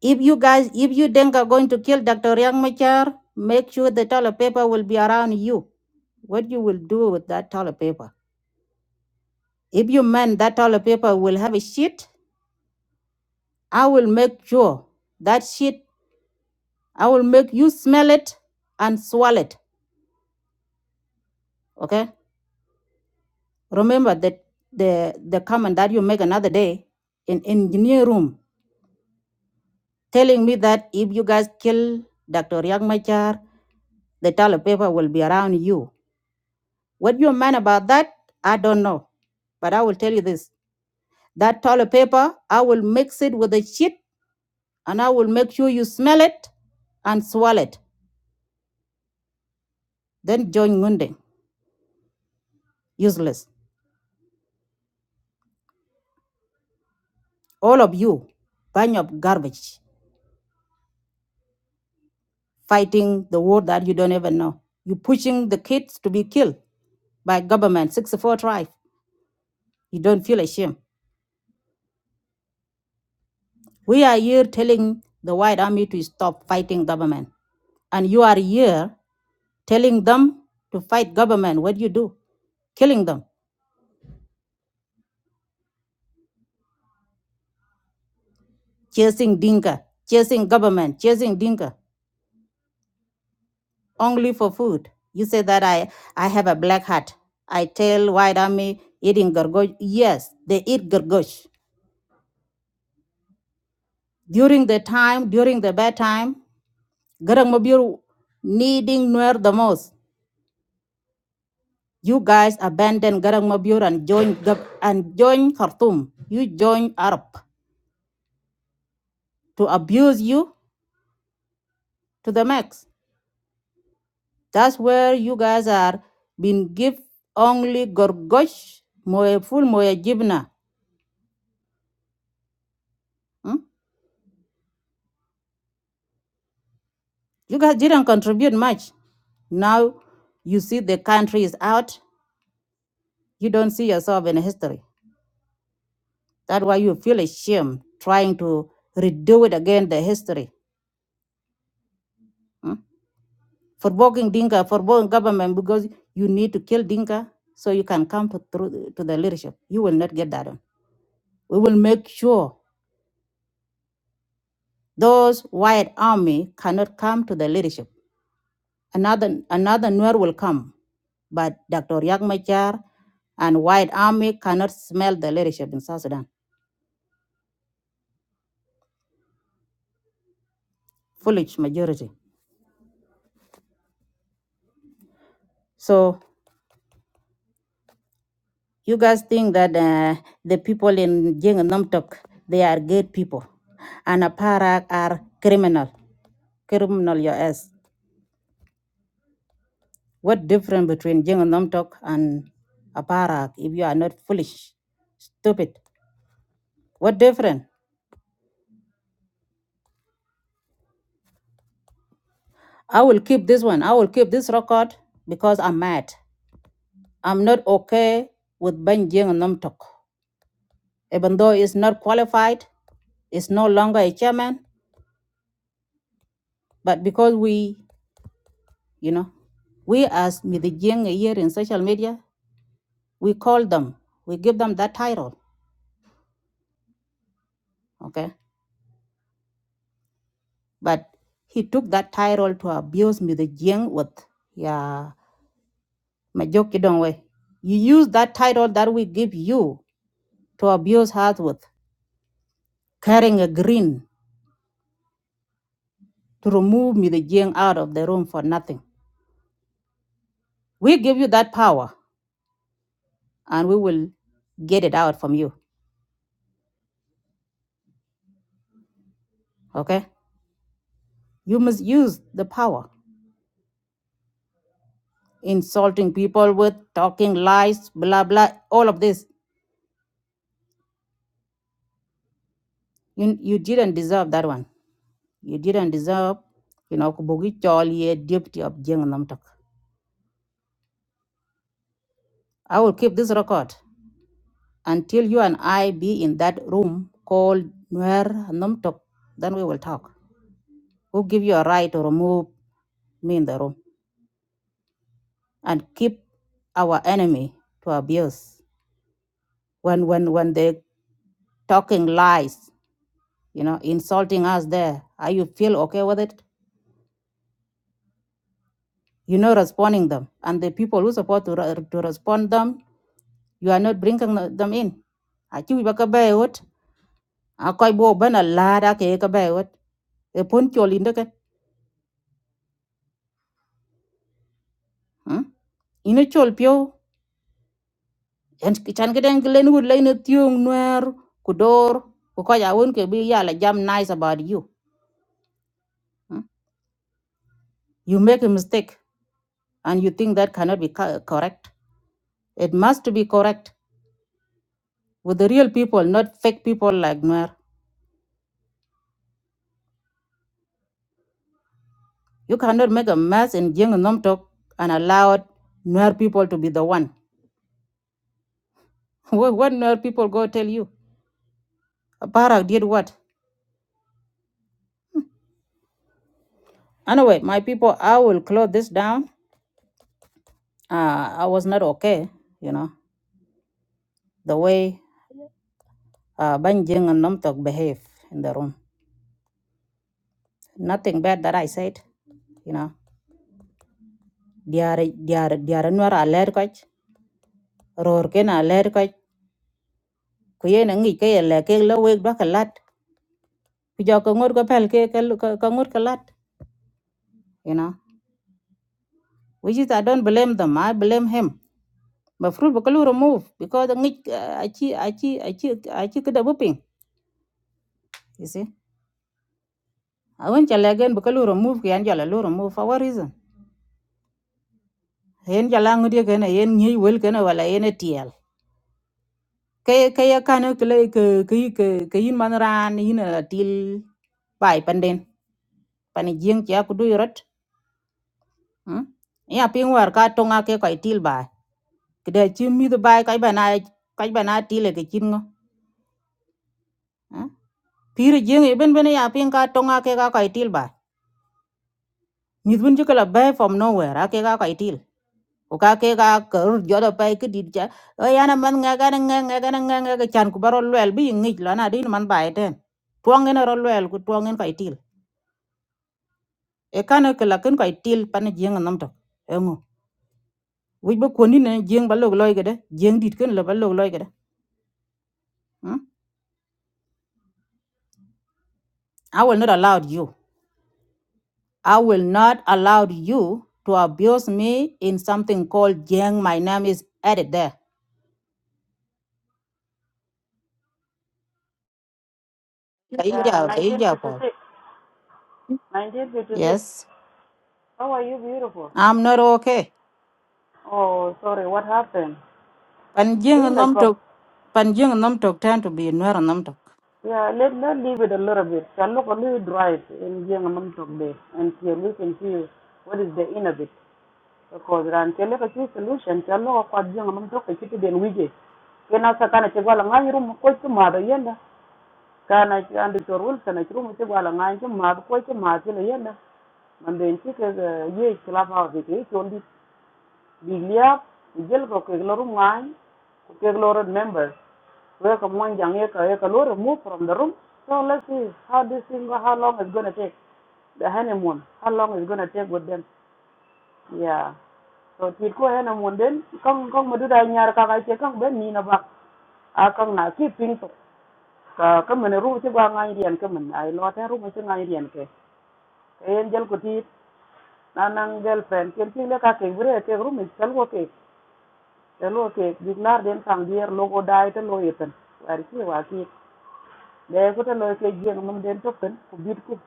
S1: If you guys, if you think are going to kill Dr. Yang Machar, make sure the toilet paper will be around you. What you will do with that toilet paper? If you mean that toilet paper will have a shit, I will make sure that shit, I will make you smell it and swallow it. Okay? Remember that the the comment that you make another day in engineer room telling me that if you guys kill Dr. Yang Machar, the toilet paper will be around you What you meant about that, I don't know. But I will tell you this that toilet paper, I will mix it with the shit and I will make sure you smell it and swallow it. Then join Ngunde. Useless. All of you, bunch of garbage, fighting the war that you don't even know. you pushing the kids to be killed by government, 64 tribe. You don't feel ashamed. We are here telling the white army to stop fighting government. And you are here telling them to fight government. What do you do? Killing them, chasing Dinka, chasing government, chasing Dinka, only for food. You say that I, I have a black hat. I tell white army eating gargosh. Yes, they eat gargosh. During the time, during the bad time, Garang Mabir needing Nuer the most. You guys abandon Garang Mabur and join Gab- and join Khartoum. You join Arab to abuse you to the max. That's where you guys are being give only Gorgosh Moe full Moe Jibna. Hmm? You guys didn't contribute much. Now you see the country is out. You don't see yourself in history. That's why you feel ashamed trying to redo it again the history. Hmm? Forbogging Dinka, forbogging government because you need to kill Dinka so you can come to, through, to the leadership. You will not get that one. We will make sure those white army cannot come to the leadership. Another another Nuer will come, but Dr. Riek Machar and white army cannot smell the leadership in South Sudan. Foolish majority. So You guys think that uh, the people in Jing and Namtok, they are good people, and Aparak are criminal, criminal your ass. What difference between Jing and Namtok and Aparak if you are not foolish, stupid? What difference? I will keep this one. I will keep this record because I'm mad. I'm not okay with Ben Jing and Namtok, even though it's not qualified is no longer a chairman, but because we You know, we as Mijing here in social media, we call them, we give them that title, okay? But he took that title to abuse Mijing with, yeah, Majoki way. You use that title that we give you to abuse us with, carrying a green to remove Mijing out of the room for nothing. We give you that power and we will get it out from you, okay? You must use the power. insulting people with, talking lies, blah blah, all of this. You you didn't deserve that one. You didn't deserve, you know, Kubugi Cholie, deputy of Jeng Namtok. I will keep this record until you and I be in that room called Nuer Namtok. Then we will talk. We'll give you a right to remove me in the room and keep our enemy to abuse. When when when they talking lies, you know, insulting us there. Are you feel okay with it? you know responding them and the people who support to, re- to respond them you are not bringing the- them in achi wi baka bai wot akoy bo bana lada ke ka bai wot e pon chol inde ken hmm? ine chol pio en chan ke den glen wud lein tiong nuer ku dor ku ko ya won ke bi ya la jam nice about you hmm? you make a mistake and you think that cannot be co- correct it must be correct with the real people not fake people like nuer You cannot make a mess in Jing and Nomtok and allow Nuer people to be the one. what Nuer people go tell you? Aparak did what? Anyway, my people, I will close this down. Uh, I was not okay, you know, the way uh, Ban Jing and Nomtok behave in the room. Nothing bad that I said, you know. They they are they are they are Nuer alert coach, roar ken alert coach. Kuyen ngi ke le ke lo wek dwa kalat. Kujako ngur ko pel ke ke ngur kalat, you know. which is I don't blame them. I blame him. But fruit bakalu remove because the ngik achi achi achi achi kada buping. You see, I went jalagan bakalu remove kian jalalu remove for what reason? Yen jalang dia kena yen nyi wel kena wala yen tiel. Kaya kaya kana kele ke ke ke ke yin manran yin a til bai panden pani jing chia kudu yorot. Hmm? Ya ping war ka tonga ke kai til bai. Kada chim mi the bai kai bana kai bana til ke chin ngo. hmm? Pir jeng eben bene ya pin ka tonga ke ka kai ba. Mit bun ju kala bay from nowhere a ke ka kai til. Ko ka ke ka kar jodo pay ke dit cha. O ya man nga ga na nga nga nga nga chan ku baro be bi ngi la na din man bay ten. Tuong en ro lwel ku tuong en kai Kaitil. E kana ke la ken kai pan jeng nam to. Engo. We be kondi ne jeng ba log loy gede. Jeng dit ken la ba log Hmm? I will not allow you. I will not allow you to abuse me in something called jeng. My name is added there.
S6: Yeah,
S1: Kaija, kaija po.
S6: 1956. 1956.
S1: Yes,
S6: How are you beautiful?
S1: I'm not okay.
S6: Oh, sorry, what happened? See,
S1: Panjing and
S6: like, of,
S1: Nomtok, Panjing and Nomtok tend to be near Nomtok.
S6: yeah, let, let leave it a little bit. Shall look a little dry in Jiangamam Tokbe until we can see what is the end of it. Because ran tell us a solution, shall look at Jiangamam Tokbe, Kitty Den Wige. Kena sakana chegwala ngai rumu kwa chumada yenda. Kana chandi chorul sana chirumu chegwala ngai chumada kwa chumada yenda. Mande nchike ye clubhouse house Liliap jelko kek lo room ngai ku kek lo red members we ka mon jang ye ka ye ka lo remove from the room so let's see how this thing how long it's gonna take the honeymoon how long it's gonna take with them yeah so tit ko honeymoon den kang kang madu da nyar ka ka che kang ben ni na bak a kang na ki ping to ka ka men ru che gwa ngai rian ka men ai lo ta ru ma che ngai rian ke en jel ko tit na nang girlfriend ken ti le ka ke bure ke room is kal ko ke te lo ke dik nar den sang dier lo go dai te lo yeten war ki wa ki de ko te lo ke jeng mum den token ku bit ku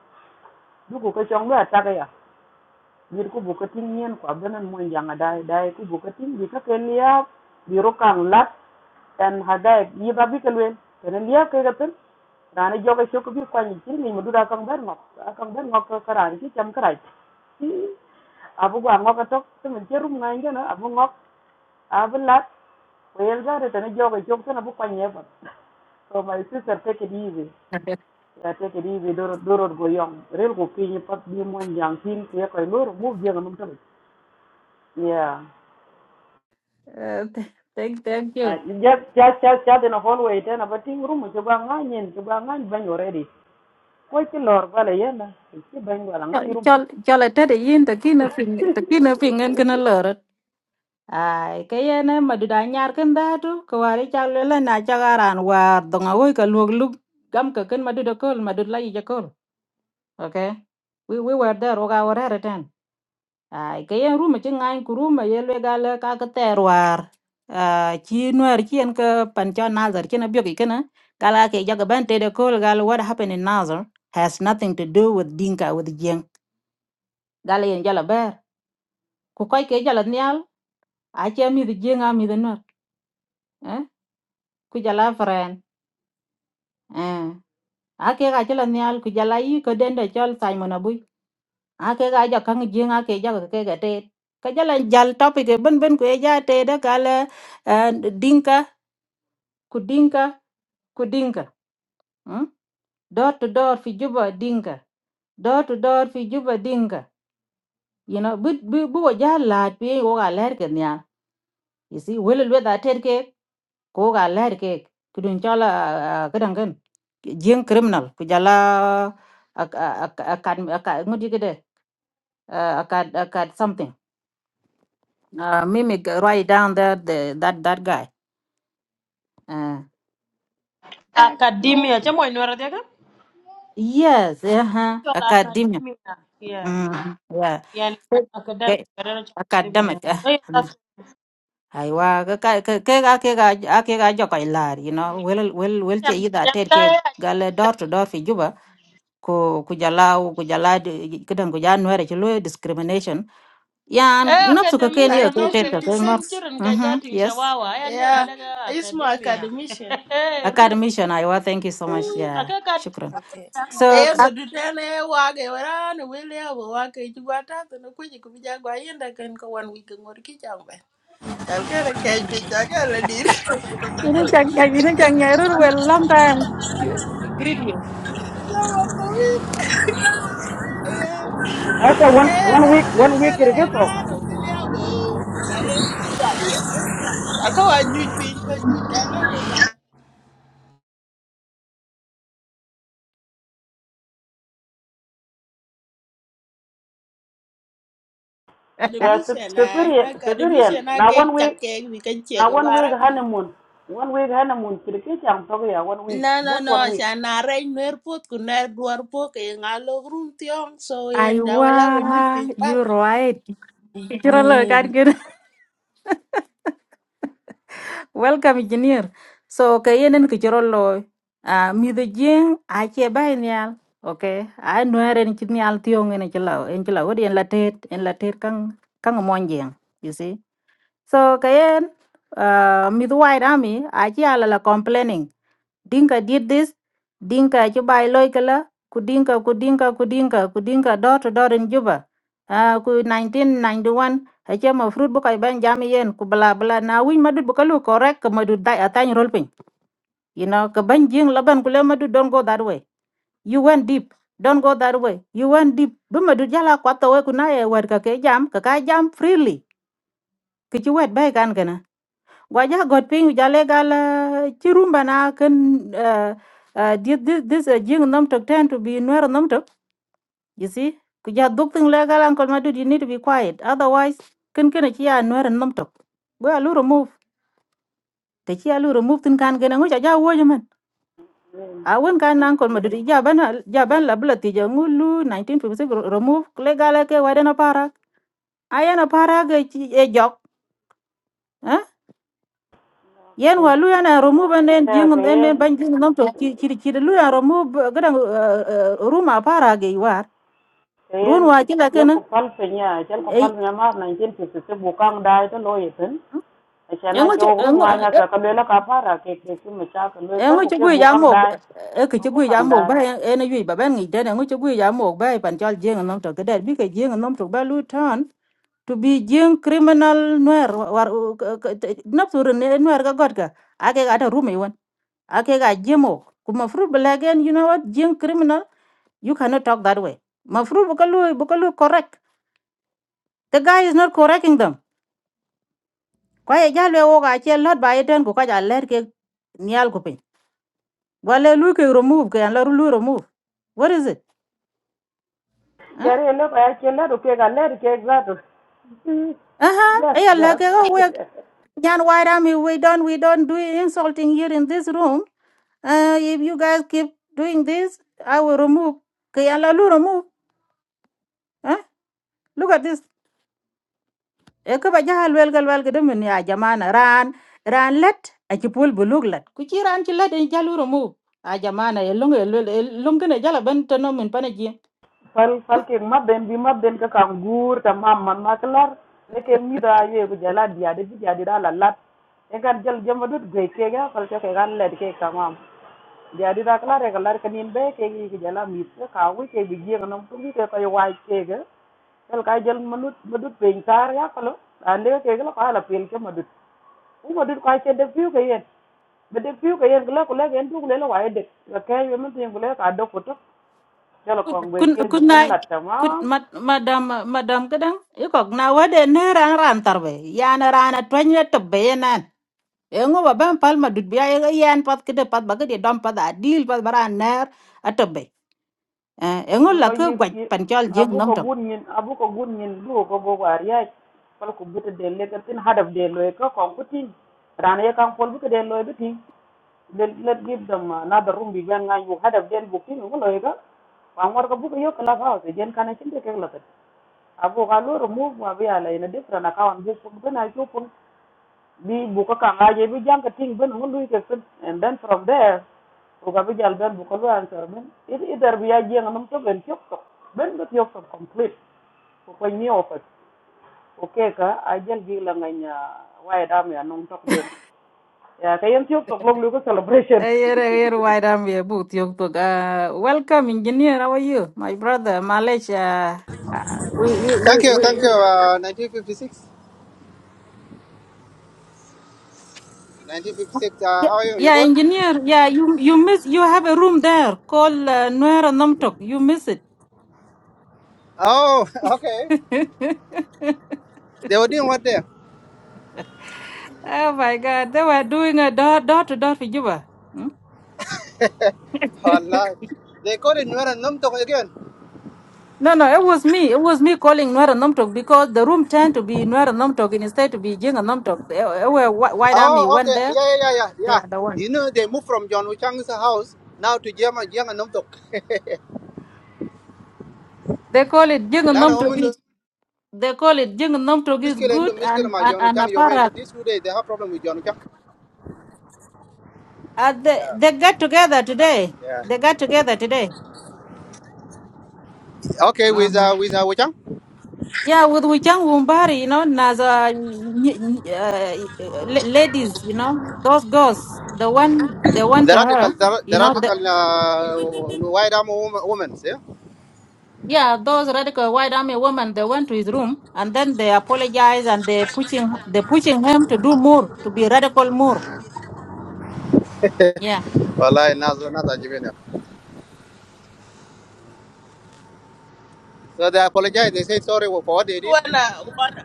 S6: du ku ko chong ga ta ga ya bit ku bu ko tin nyen ko benan mo janga dai dai ku bu ko tin bi ka ke liya bi ro kang lat en hadai yi ba bi ke wen te ne liya ke ga ten rana joga shoko bi kwani tin ni mudu da kang ber ngok kang ber ngok ka ran ki cham karai abu gwa ngok to to men cherum ngai ngena abu ngok abu lat Well, that is a joke. Joke na book on yever. So my sister, take it easy. Yeah, take it easy. Doro doro go young. Real go pin you pat be one young thing. Yeah, koi loro move young and umtali. Yeah.
S1: Uh, th- thank, thank
S6: Uh,
S1: you.
S6: Just just just just in a hallway. Then about ting room. Chuba ngan yen. Chuba ngan bang already. Koi ti lor bala yena. Chi bang bala ngan
S1: Chol,
S6: room.
S1: chol, I tell you, the kina ping, the kina ping and can alert. Ay, kaya na madudanya nyarkan datu, kawari chalwela na chagaran war dongawoy ka lug lug gam ka ken madudakol, madudla yajakol. Okay? We, we were there, oga were at ai ke yen ruma ci ngany ku ruma ye le gal ka ka ter war ah, ci nuer ci en ka pan cho nazar ci na byogi kana gala ke jaga ban te de kol gal what happened in nazar has nothing to do with dinka with jeng gala yen jala ber ku koy ke jala nyal a ci mi de jeng a mi de nuer eh ku jala fren eh ake ga chela nyal ku jala yi ko dende chol Simon Abui ake ga ja kang jing ake ja ke ga te ka jala jal topic e ben ben ku e ja te da kala dinka ku dinka ku dinka mm? door to door fi juba dinka door to door fi juba dinka you know bu bu bu ja la pi wo ga ler ke nya you see wel wel da ter ke ko ga ler ke kudun chala kadang kan jeng criminal ku jala akan akan ngudi gede akan akan something uh, mimic right down there the, that that guy uh,
S7: academia cha inuara thiaka
S1: yes uh-huh
S7: chola
S1: academia
S7: academia yeah
S1: mm, yeah
S7: yani academic
S1: okay.
S7: kadana cha
S1: academic
S7: academia
S1: eh.
S7: oya
S1: Mm. aiwa ke ka- ke ke ga ke ga a ke ga jo kai lar you know wel wel wel che ida
S7: yan
S1: ter ke
S7: kaya
S1: gale door to door fi juba ko kujalau kujala kidan kuja nuere ci lo discrimination yan
S7: eh
S1: nafsu ka ken
S7: akademisha
S1: yo ke
S7: no ke
S1: teta ke ngar
S7: in
S8: 1956?
S7: chiren ka
S1: mhm
S7: jatin
S1: yes
S7: shawawa aya ndia
S8: Yeah,
S7: alega
S8: it's my
S7: academia
S8: academician.
S7: eh
S1: academician aiwa thank you so
S8: Yeah,
S1: much yeah
S7: aka kat
S1: shukran
S8: okay.
S1: so
S8: Eh,
S1: ka-
S8: madutana eh, wage warana wele abo wake chugwa tatu na kwenye kubija kwa yenda kan kwa one week ngor kichambe. Chalkere kech picha kala dir.
S1: ini jang ini jang nyerur well long time greet you
S8: Sama tawin. Yeah.
S6: After one
S8: Kaya
S6: one
S8: ya
S6: week, one week
S8: madutana
S6: it
S8: eh
S6: gets off.
S8: rana wele abo. Kaya ni gari ya. Aka wa nyuch pin ta bujala wada.
S6: Yeah,
S8: Academician ay,
S6: Siberian. Siberian.
S8: academician ay
S6: Now one
S8: kek
S6: week.
S8: chak kek wikan
S6: Now
S8: chego
S6: one week
S8: gara
S6: honeymoon, one week honeymoon, kirki chang to ya one week,
S8: No, no,
S6: just
S8: no,
S6: one week.
S8: siya na rey nwer pot ku ner dwar po ke nga grum tiong so yen da wala wo nyut
S1: Aiwa,
S8: pin pal.
S1: you're right. Kira lo kan
S8: Mhm.
S1: gini. Welcome, engineer. So, kayenen kichiro lo. Ah, midho jing, ache bai nial. Okay, I know en chini al tiong en chila, en chila, wodi en latet, en latet kang kang monjing. You see. So kayen uh, mid white army achi alala complaining. Dinka did this, Dinka chubai loikala, kudinka kudinka kudinka kudinka door to door in Juba. Ah, ku 1991 achi ma fruit bukai ban jami yen ku bla bla na win madud bukalu correct ka madud dai atany rolping. You know ka ban jing laban kule madud don't go that way. You went deep. Don't go that way. You went deep. Bima dujala kwa tawe kunaye wet ka ke jam, ka ka jam freely. Kichi wet bay kan kana. Gwaja got ping jale gal eh, ci rumba na ken uh, uh, this this uh, jing nom tok tend to be nuer nom tok you see ku ja duk thing le gal uncle madu you need to be quiet otherwise ken ken ci ya nuer nom tok bo alu remove te ci alu remove tin kan gena ngo ja wo man a won kan uncle madu ja ban ja ban la bla ti ja ngulu 1956 remove le gal ke wade na para ayana para ge ci e jok eh? yen wa lu yana remove and then
S6: Ya
S1: jing and then
S6: kayen
S1: ban jing nom to chi chi chi lu yana remove gadan room apara ge war run
S6: kayen
S1: wa chi la
S6: ya
S1: kana
S6: ko pal penya, chal ko
S1: e
S6: pal penya ma 1956 bukang dai to lo yeten. Achana
S1: ngo chi
S6: cho ru
S1: engo
S6: ma nya ka ka lela ka para ke ke su ma cha ka lo tal
S1: ngo
S6: ko
S1: chi
S6: ke
S1: gui ya
S6: bukang
S1: mo
S6: dai,
S1: e ke chi
S6: ko
S1: gui ya
S6: bukang
S1: mo ba
S6: dai.
S1: e na yui ba ban ngi de engo chi gui ya mo ba e pan chal jing nam to gadan bi ke jing nam to ba lu tan to be jing criminal noir war nap sur ne noir ga god ka ake ga ta room e won ake ga jemo kuma fruit blagen you know what jing criminal You cannot talk that way. Mafru bukalu bukalu correct. The guy is not correcting them. Kwa jalo wo ga che lot ba eten ko kaja ler ke nial ko pin. Wale lu ke remove ke la lu remove. What is it? Huh?
S6: Yare lo ba ya ke la ru ke ga le ke za to.
S1: Uh-huh.
S6: Yes,
S1: Aya la ke go we
S6: yes.
S1: nyan why me we don't we don't do insulting here in this room. Uh if you guys keep doing this, I will remove. Ke la lu remove. Huh? Look at this. e ka ba jahal wel gal wel gede min ya jamana ran ran let a ci pul bulug let ku ci ran ci let en jalu romu a jamana e lungu e lungu ne jala ben to no min pana
S6: fal fal kek mabben bi mabben ka kan guurta mamman ma kelar ne kek mida yeegu jala diyaade bi diyaadira lalat e kan jal jemma dut goy kega fal ke kan led ke kamam diyaadira kelar e kelar kanin be kek yiki jala mit ke ka wi kek bi jieng nom tumbi ke koy waaj kega tel ka jal manut madut peñ tar ya falo ande ke kala ko ala pel ke madut u madut ka ke de fiu ke yen be de fiu ke yen kala ko la gen tu kala wa de ka ke yemen tin kala ka do ko to jalo ko ngoy
S1: kun
S6: ke bu
S1: kun na
S6: kan latta
S1: kun
S6: ma
S1: mad, madam madam kadang e ko na wade ne ran ran tarbe ya na ran a twanya to be nan e ngo pal madut biya e yan pat kede pat ba dom pat adil pat bara ner a engo be Eh, e ngo la
S6: no
S1: ke
S6: yi
S1: gwa
S6: yi-
S1: pancol jeng
S6: abu ko gunyin abu ko gunyin bu ko bo war ya pal ko buta de le tin hadaf de lo ko kon ko tin rana ya kan pol buta de lo bi tin let let give them another room bi ben ngan bu hadaf de bu tin ko lo ga wan war ko bu ko yo kala fa se jen kana cin de ke la ta abu ka lo remove ma bi ala ina different account bu ko na ko pun bi bu ko kan aje bi jang ka tin ben ko lu ke and then from there Ugabi jal ben answer men it either bi aje ngam to ben tiok tok ben do tiok tok complete ko ko ni ofat o ke ka a jal bi la nganya waye dam ya nong tok den ya kayen tiok tok log lu celebration
S1: Here, here, why I'm here, but you talk. Uh, welcome, engineer. How are you, my brother, Malaysia?
S9: Thank you, thank you. Uh, 1956. 1956. Uh,
S1: Yeah.
S9: how are you? You
S1: Yeah,
S9: good?
S1: engineer. Yeah, you you miss. You have a room there called uh, Nuera Namtok. You miss it.
S9: Oh, okay. They were doing what there?
S1: oh my God, they were doing a door door to door for Juba. Hmm?
S9: Allah. They called it Nuer and Numtok again.
S1: No, no, it was me. It was me calling Nuera Namtok because the room turned to be Nuera Namtok instead to be Jinga Namtok. They, they were Wh- White Army
S9: Oh,
S1: went
S9: okay.
S1: there.
S9: Yeah, yeah, yeah, yeah.
S1: They
S9: yeah.
S1: are the one.
S9: You know, they moved from John Wuchang's house now to Jama Jiang and Numtok.
S1: They call it Jinga
S9: Lana woman
S1: Namtok. They call it Jing Nomtok is
S9: muscular into
S1: good
S9: muscular
S1: and,
S9: my
S1: and,
S9: John
S1: and
S9: Wuchang. You mean
S1: Aparak.
S9: that these two days they have problem with John Wuchang?
S1: Uh, they,
S9: Yeah.
S1: they got together today.
S9: Yeah.
S1: They got together today.
S9: Okay,
S1: Uh
S9: with
S1: huh.
S9: uh, with uh, Wuchang?
S1: Yeah, with Wichang Wumbari, you know, as uh, n- n- uh, la- ladies, you know, those girls, the one they went
S9: The
S1: to
S9: radical,
S1: her,
S9: the, the
S1: you know, the,
S9: radical uh, white arm woman, woman, see?
S1: yeah, those radical white army women, they went to his room and then they apologize and they pushing, they pushing him to do more, to be radical more. Yeah.
S9: Wallahi, Nazar, Nazar, Jibin. So they apologize. They say sorry for what they did.
S8: Wanna wanna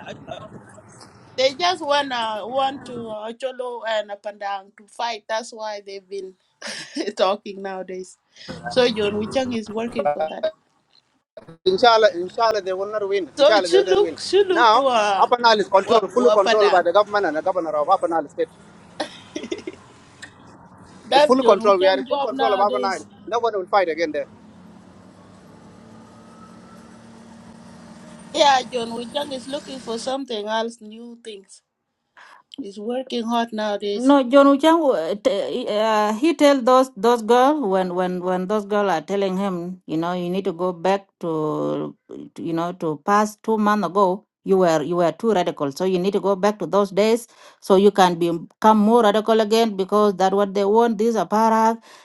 S8: they just wanna want to uh, cholo and up and to fight. That's why they've been talking nowadays. So John Wichang is working for that.
S9: Inshallah, inshallah, they will not win.
S8: So
S9: Inshallah, they will not win.
S8: Chuluk Chuluk
S9: Now,
S8: wa
S9: Upper Nile is
S8: wa
S9: controlled, fully
S8: wa
S9: controlled by
S8: padang.
S9: the government and the governor of Upper Nile State. It's
S8: that
S9: full
S8: John
S9: control. We are in
S8: Wichang
S9: full
S8: job
S9: control of Upper Nile.
S8: nowadays.
S9: No one will fight again there.
S8: Yeah, John Wichang is looking for something else, new things. He's working hard nowadays.
S1: No, John Uchang, uh, t- uh, he tell those those girls when when when those girls are telling him, you know, you need to go back to, to, you know, to past two months ago. You were you were too radical, so you need to go back to those days so you can be, become more radical again because that what they want. These are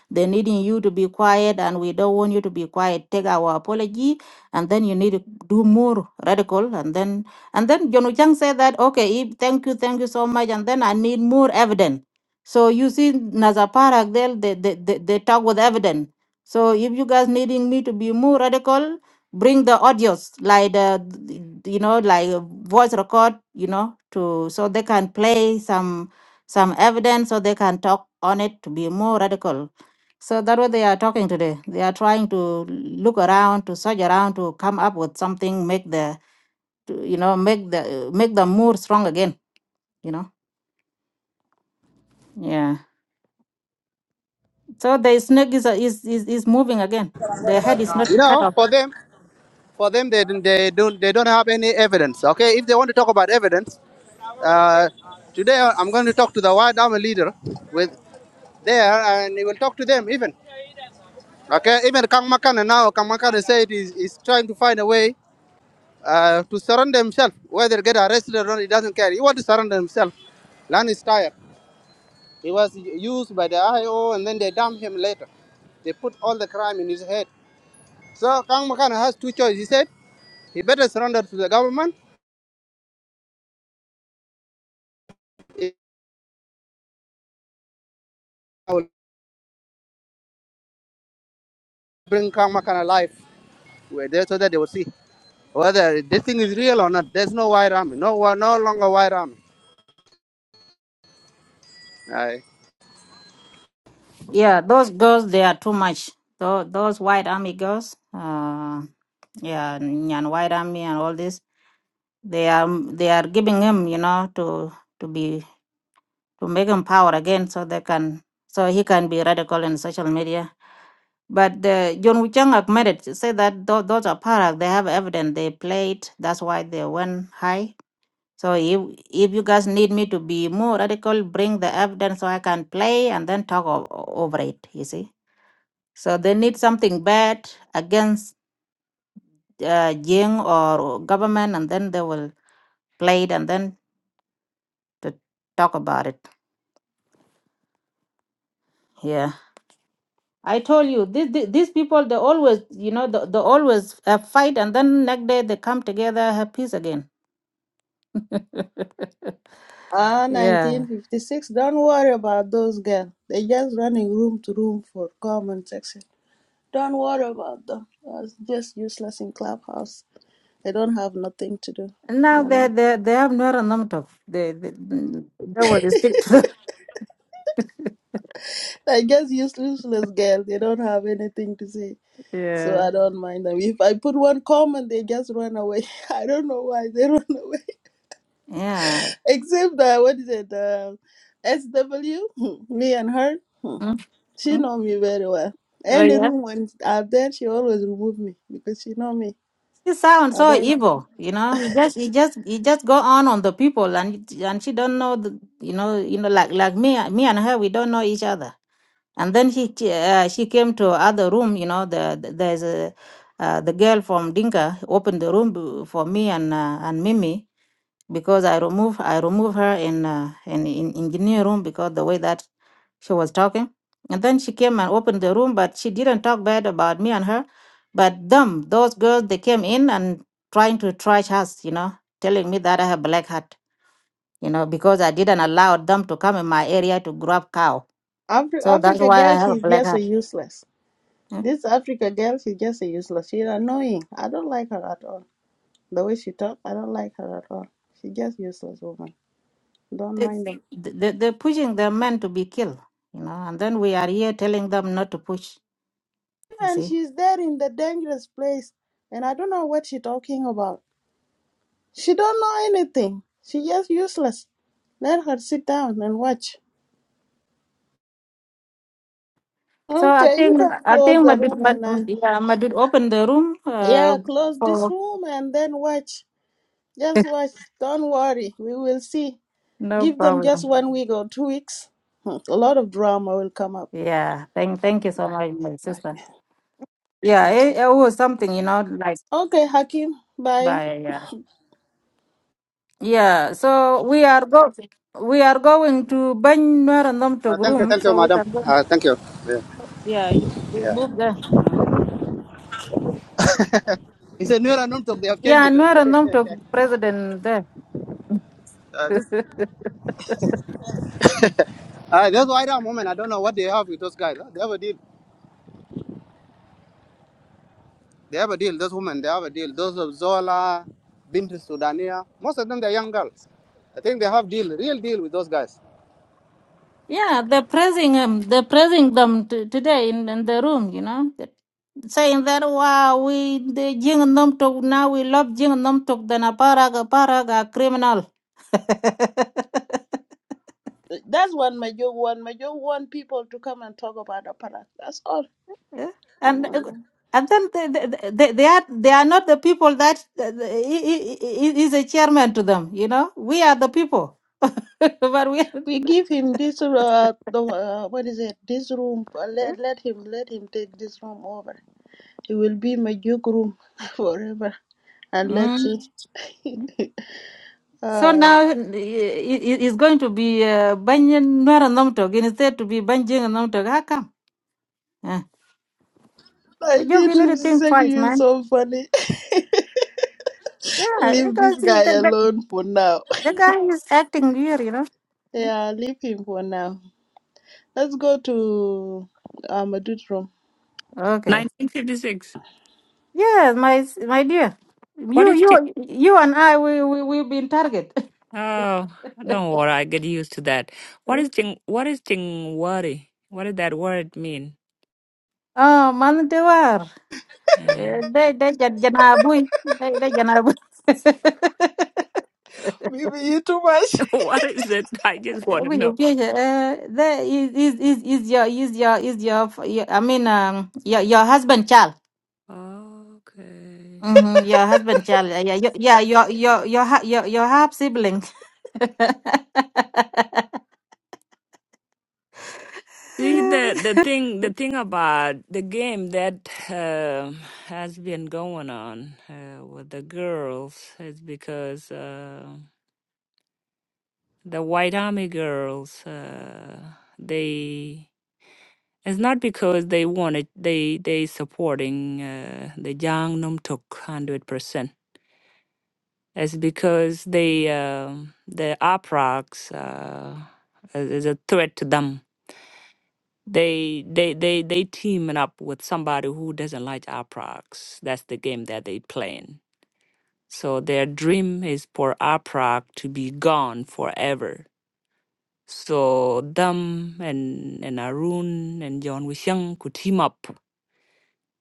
S1: They needing you to be quiet, and we don't want you to be quiet. Take our apology, and then you need to do more radical, and then and then John Chang said that, okay, if- thank you, thank you so much. And then I need more evidence. So you see, Nazaparak, they, they, they, they they talk with evidence. So if you guys needing me to be more radical, bring the audios, like the, you know, like a voice record, you know, to so they can play some some evidence so they can talk on it to be more radical. So that what they are talking today. They are trying to look around, to search around, to come up with something, make the to you know make the make them more strong again you know yeah so the snake is is is, is moving again the head is not
S9: You
S1: cut
S9: know,
S1: off
S9: for them, for them, they didn't- they don't they don't have any evidence. Okay, if they want to talk about evidence, uh, today I'm going to talk to the White Army leader with there, and he will talk to them even. Okay, even Kang Makan now Kang Makan say it is is trying to find a way. uh, to surrender himself, whether get arrested or not, he doesn't care. He want to surrender himself. Land is tired. He was used by the IO and then they dumped him later. They put all the crime in his head. So Kang Makana has two choices. He said he better surrender to the government. I will bring Kang Makana alive where they, so that they will see whether this thing is real or not. There's no white army. No, wa- no longer white army. Aye.
S1: yeah those girls they are too much those, those white army girls uh yeah and white army and all this they are they are giving him you know to to be to make him power again so they can so he can be radical in social media But the John Wichang admitted to say that tho- those are product they have evidence they played. That's why they went high. So if if you guys need me to be more radical, bring the evidence so I can play and then talk o- o- over it. You see. So they need something bad against uh, Jing or government, and then they will play it and then to talk about it. Yeah. I told you these these people they always you know they, they always uh, fight and then next day they come together have peace again.
S8: Ah,
S1: yeah.
S8: 1956. Don't worry about those girls. They are just running room to room for comment section. Don't worry about them. That's just useless in clubhouse. They don't have nothing to do.
S1: And now
S8: You
S1: they
S8: know,
S1: they they have no Namtok. They they that would stick to the
S8: they just use useless girls. They don't have anything to say. So
S1: Yeah.
S8: I don't mind them. If I put one comment, they just run away. I don't know why they run away.
S1: Yeah.
S8: Except uh, what is it? Uh, SW, me and her. Hmm.
S1: Mhm.
S8: She know me very well.
S1: Oh
S8: Any
S1: yeah.
S8: room when I'm there, she always remove me because she know me.
S1: He sounds
S8: I
S1: so
S8: don't.
S1: evil, you know. He just he just he just go on on the people and and she don't know the you know you know like like me me and her we don't know each other. And then she uh, she came to other room, you know. The, the there's a uh, the girl from Dinka opened the room b- for me and uh, and Mimi because I remove I remove her in uh, in in engineer room because the way that she was talking, and then she came and opened the room, but she didn't talk bad about me and her, but them those girls they came in and trying to trash us, you know, telling me that I have black hat, you know, because I didn't allow them to come in my area to grab cow,
S8: Afri-
S1: so that's
S8: Africa
S1: why I
S8: girl,
S1: have a
S8: she's
S1: black
S8: just a
S1: hat.
S8: useless.
S1: Mm.
S8: This Africa girl, she's just a useless. She's annoying. I don't like her at all. The way she talk, I don't like her at all. She just useless woman. Don't
S1: They,
S8: mind them.
S1: they, they're pushing the men to be killed, you know, and then we are here telling them not to push. You
S8: And
S1: see.
S8: she's there in the dangerous place, and I don't know what she talking about. She don't know anything. She just useless. Let her sit down and watch.
S1: So I
S8: Okay, you
S1: think
S8: can
S1: I think
S8: close the
S1: Madud,
S8: room
S1: Mad,
S8: and then
S1: yeah, Madud open the room. Uh,
S8: Yeah, close this
S1: for
S8: room and then watch. Just watch. Don't worry. We will see.
S1: no
S8: Give them just
S1: problem.
S8: one week or two weeks. Hmm, A lot of drama will come up.
S1: Yeah, thank thank you so much, my sister.
S8: Okay.
S1: Yeah,
S8: Okay.
S1: it, it was something you know like
S8: Okay, Hakim. Bye.
S1: by yeah yeah. So we are go we are going to Banyuarandom to
S9: Uh, thank you,
S1: room,
S9: thank you,
S1: so we
S9: madam.
S1: can go.
S9: Uh, thank you. Yeah.
S1: Yeah, you- we
S9: yeah.
S1: move there. Mm.
S9: He said, no, I They have changed
S1: Yeah,
S9: it. eh?
S1: Nuarandom to president there.
S9: Uh, this Uh, those white arm women, I don't know what they have with those guys. They have a deal. They have a deal. Those women, they have a deal. Those of Zola, Bint Sudania, most of them they're young girls. I think they have deal, real deal with those guys.
S1: Yeah, they're praising him. They're praising them t- today in, in the room, you know, that- saying that, wow, we, the Jing and Nom Tok, now we love Jing and Nom Tok, then a paraga, paraga, criminal.
S8: That's what Major want. Major want people to come and talk about the product. That's all.
S1: Yeah. and uh,
S8: Mm.
S1: and then they, they, they, they are they are not the people that uh, he, he, he is a chairman to them you know we are the people but we are,
S8: We give him this. Uh, the, uh, what is it? This room. Uh, Let let him let him take this room over. It will be Major room forever. And let's
S1: Mm.
S8: see.
S1: So
S8: Uh,
S1: now it, it's going to be uh, Banyan Nuera Nomtok instead to be Banjing Nomtok. How come? Yeah.
S8: I
S1: But you
S8: get
S1: need
S8: him
S1: to think
S8: saying
S1: twice,
S8: you
S1: man.
S8: so funny.
S1: Yeah,
S8: Leave
S1: because
S8: this
S1: the,
S8: guy
S1: the,
S8: alone for now.
S1: the guy is acting weird, you know.
S8: Yeah, leave him for now. Let's go to um, Madud's room.
S1: Okay. Yes, my s- my dear.
S5: What
S1: You
S5: is Ting?
S1: you you and I we we we've been target.
S5: Oh, don't worry. I get used to that. What is Ting? What is Ting worry? What does that word mean?
S1: Oh, man they were. Eh,
S5: And
S1: They they jan- janabu. They they janabu.
S8: Maybe you too much.
S5: what is it? I just
S1: Ebu
S5: want to know.
S1: uh, the is is is is your is your is your f- yeah, I mean um your your husband child.
S5: Okay.
S1: Mm-hmm. Your husband child. Yeah, yeah, your- yeah. Your your your ha- your your half sibling.
S5: See the the thing the thing about the game that um has been going on uh, with the girls is because uh, the white army girls uh, they It's not because they wanted they they supporting uh, the Jang Num Tuk hundred percent. It's because they um the Aprox uh, is is a threat to them. They they they they teaming up with somebody who doesn't like Aprox. That's the game that they playing. So their dream is for Aprox to be gone forever. So them and and Arun and John Wishang could team up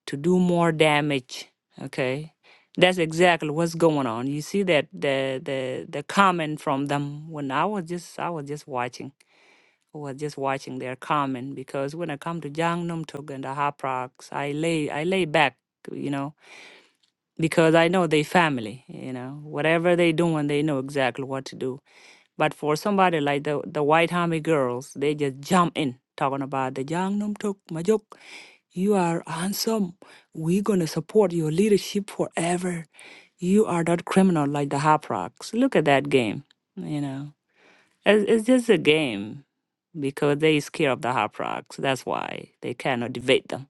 S5: to do more damage. Okay, that's exactly what's going on. You see that the the the comment from them when I was just I was just watching. I was just watching their comment because when I come to Jangnam Tok and the Haprox, I lay I lay back, you know, because I know they family. You know, whatever they doing, they know exactly what to do. But for somebody like the the white army girls, they just jump in talking about the Jangnam Tok majuk. You are handsome. We're going to support your leadership forever. You are not criminal like the Hop Rocks. Look at that game. You know, it's, it's just a game because they scare of the Hop Rocks. That's why they cannot debate them.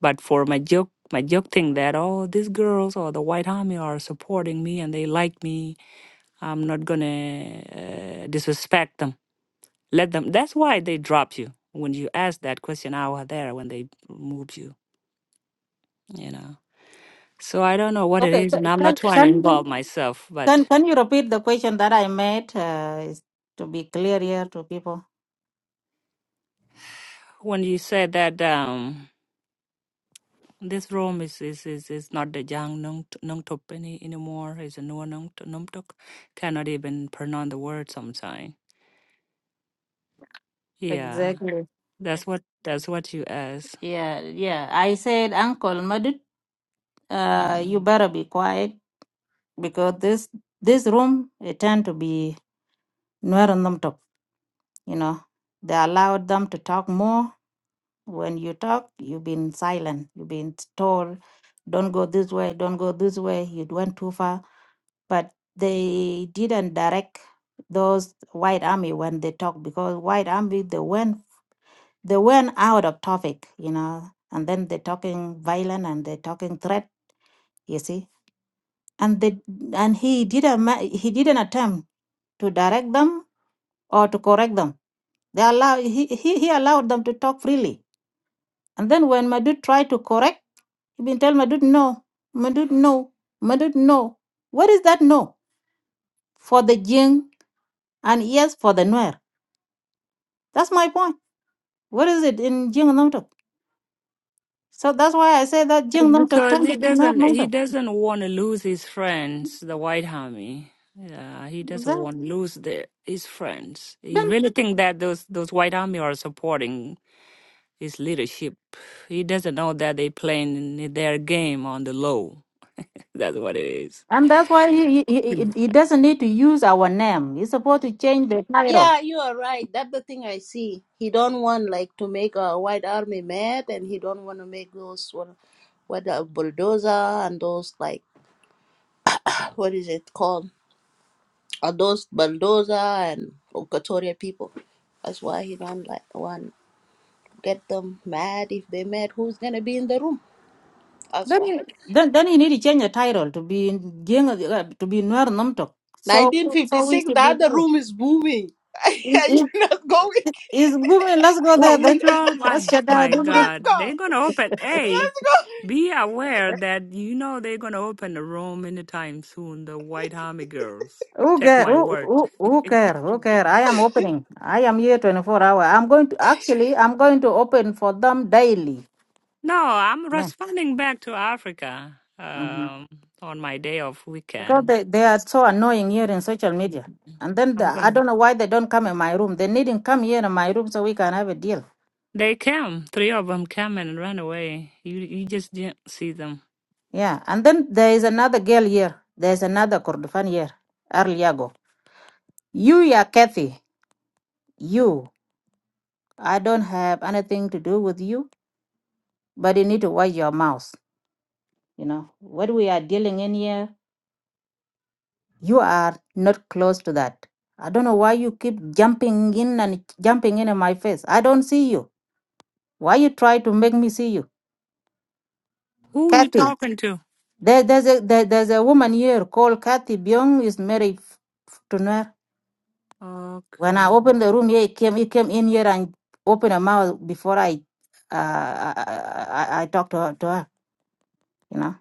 S5: But for my joke, my joke thing that, oh, these girls or the white army are supporting me and they like me. I'm not going to uh, disrespect them. Let them. That's why they dropped you. When you asked that question, I was there when they moved you, you know. So I don't know what it
S1: okay,
S5: is,
S1: c-
S5: and I'm
S1: can
S5: not trying to
S1: can you-
S5: involve myself.
S1: can
S5: But
S1: can you repeat the question that I made? Uh, is to be clear here to people.
S5: when you said that um, this room is is is, is not the Jang Nung Nungtok any anymore, it's a Nuo Nung Nungtok, cannot even pronounce the word sometimes. Yeah,
S1: Exactly.
S5: that's what that's what you asked.
S1: Yeah, yeah. I said, Uncle Madut, uh, you
S5: Mm.
S1: better be quiet because this this room it tend to be. you know they allowed them to talk more when you talk you've been silent you've been told don't go this way don't go this way you went too far but they didn't direct those white army when they talk because white army they went they went out of topic you know and then they're talking violent and they're talking threat you see and they and he didn't ma- he didn't attempt to direct them or to correct them. They allow he, he, he allowed them to talk freely. And then when Madud tried to correct, he been telling Madud no, Madud no, Madud no. What is that no? For the Jing and yes for the Nuer. That's my point. What is it in Jing and Namtok? So that's why I say that
S5: It's
S1: Jing Namtok
S5: because
S1: time
S5: he
S1: to be
S5: doesn't he
S1: Nuer
S5: doesn't want to lose his friends, the White Army. Yeah, he doesn't want to lose the, his friends. He
S1: Namtok.
S5: really think that those those White Army are supporting It's leadership. He doesn't know that they playing their game on the low. That's what it is.
S1: And that's why he, he, he he doesn't need to use our name. He's supposed to change the title.
S8: Yeah, you are right. That's the thing I see. He don't want like to make a white army mad, and he don't want to make those what, what uh, bulldozer and those like what is it called? Are those bulldozer and Equatorial people? That's why he don't like one. get them mad. If they mad, who's gonna be in the room? That's
S1: Then
S8: why.
S1: you, then, then you need to change the title to be Jing- uh, to be Nuer Namtok. So so we
S8: 1956, the
S1: should be
S8: other
S1: know.
S8: room is booming. Are
S1: Is
S8: you
S1: is-
S8: not going?
S1: is women? Let's go there
S5: What we
S1: then.
S5: draw,
S1: Let's
S5: my
S1: shut down
S5: my
S1: this room.
S8: Let's
S5: God,
S8: go.
S5: they're gonna open. Hey,
S8: Let's
S5: be aware that you know they're gonna open a room anytime soon. The White Army girls.
S1: Who
S5: Take
S1: care?
S5: my
S1: Who,
S5: word.
S1: who, who care? Who care? I am
S8: go.
S1: opening. I am here 24 hour. I'm going to actually. I'm going to open for them daily.
S5: No, I'm
S1: Yeah.
S5: responding back to Africa
S1: hmm
S5: um, on my day off
S1: Because
S5: weekend.
S1: they, they are so annoying here in social media. And then the,
S5: I'm
S1: I
S5: going. to
S1: don't know why they don't come in my room. They needn't come here in my room so we can have a deal.
S5: They came. Three of them came and ran away. You you just didn't see them.
S1: Yeah. And then there is another girl here. There is another Kordofan here. Arliago. You, yeah, Kathy. You. I don't have anything to do with you. But you need to watch your mouth. You know what we are dealing in here. You are not close to that. I don't know why you keep jumping in and jumping in, in my face. I don't see you. Why you try to make me see you?
S5: Who you
S1: Kathy,
S5: talking to?
S1: there, there's, a, there, there's a woman here called Kathy Byung is married f- f- to Nuer. When I
S5: Okay.
S1: opened the room here, he came, he came in here and opened her mouth before I, uh, I, I, I I talked to her, to her, you know.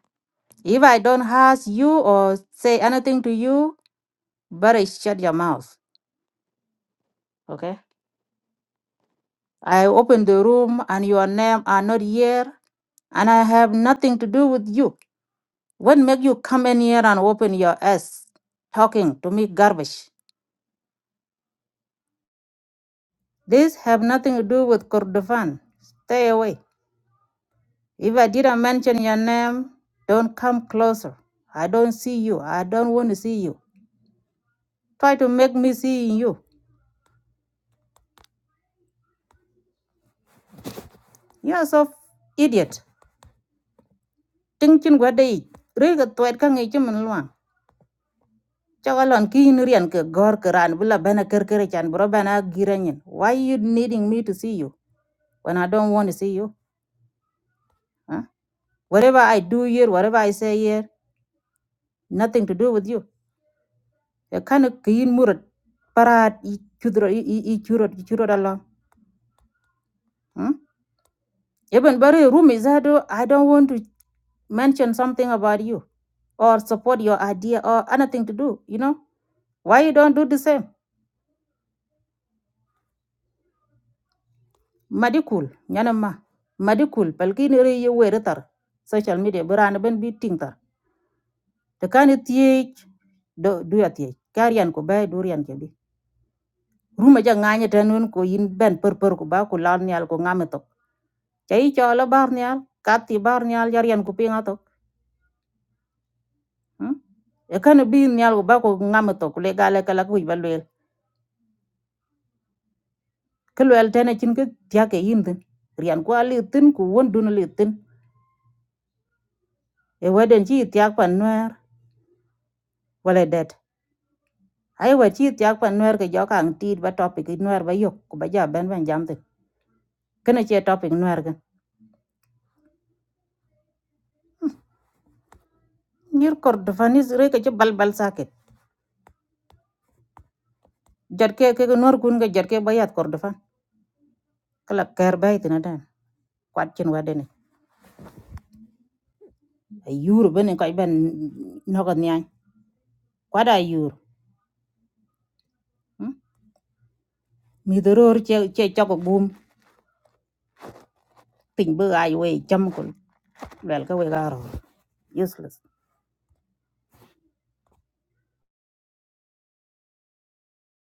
S1: If I don't ask you or say anything to you, better shut your mouth, okay? I open the room and your name are not here and I have nothing to do with you. What make you come in here and open your ass talking to me garbage? This have nothing to do with Kordofan. Stay away. If I didn't mention your name, don't come closer. I don't see you. I don't want to see you. Try to make me see you. You're so idiot. Ting chin gwa dei. Riga tuet ka ngi chi min luang. Chagalon ki inurian ke gor keran bila bana kerkere chan bro bana giranyin. Why you needing me to see you when I don't want to see you? Huh? Whatever I do here, whatever I say here, nothing to do with you. Ya kana kiin murat parat i chudro i i i churot i churot Allah. Hmm? Even bari room is that oh, I don't want to mention something about you or support your idea or anything to do, you know? Why you don't do the same? madikul nyanan ma madikul palkin ri ye weri tar social media berana ben bi ting tar te kan tiye do du ya tiye karian ko bay durian ke ruma ja nganya tanun ko yin ben per ko ba ko lan nyal ko ngame tok chai chola bar nyal kati bar nyal jarian ko pinga hmm? e kan bi nyal ko ba ko ngame tok le gale kala ko ba lel ke lel tene chin ke tiya ke yin rian ko ali tin ko won dun li tin e waden chi tiya pan wer wala det ai wa chi tiak pa nwer ke jo kang ti ba topic nwer ba yok ku ba ja ben ben jam tin kene che topic nwer gan nyir cordofanis re ke che bal bal saket jot ke ke nwer kun ke jot ke ba yat cordofan kala ker ba itina dan kwat chin wa dene ayur bene ko ben no ko nyai kwat ayur mi doror che che chok gum tin bu ai we cham kul wel ka we garo useless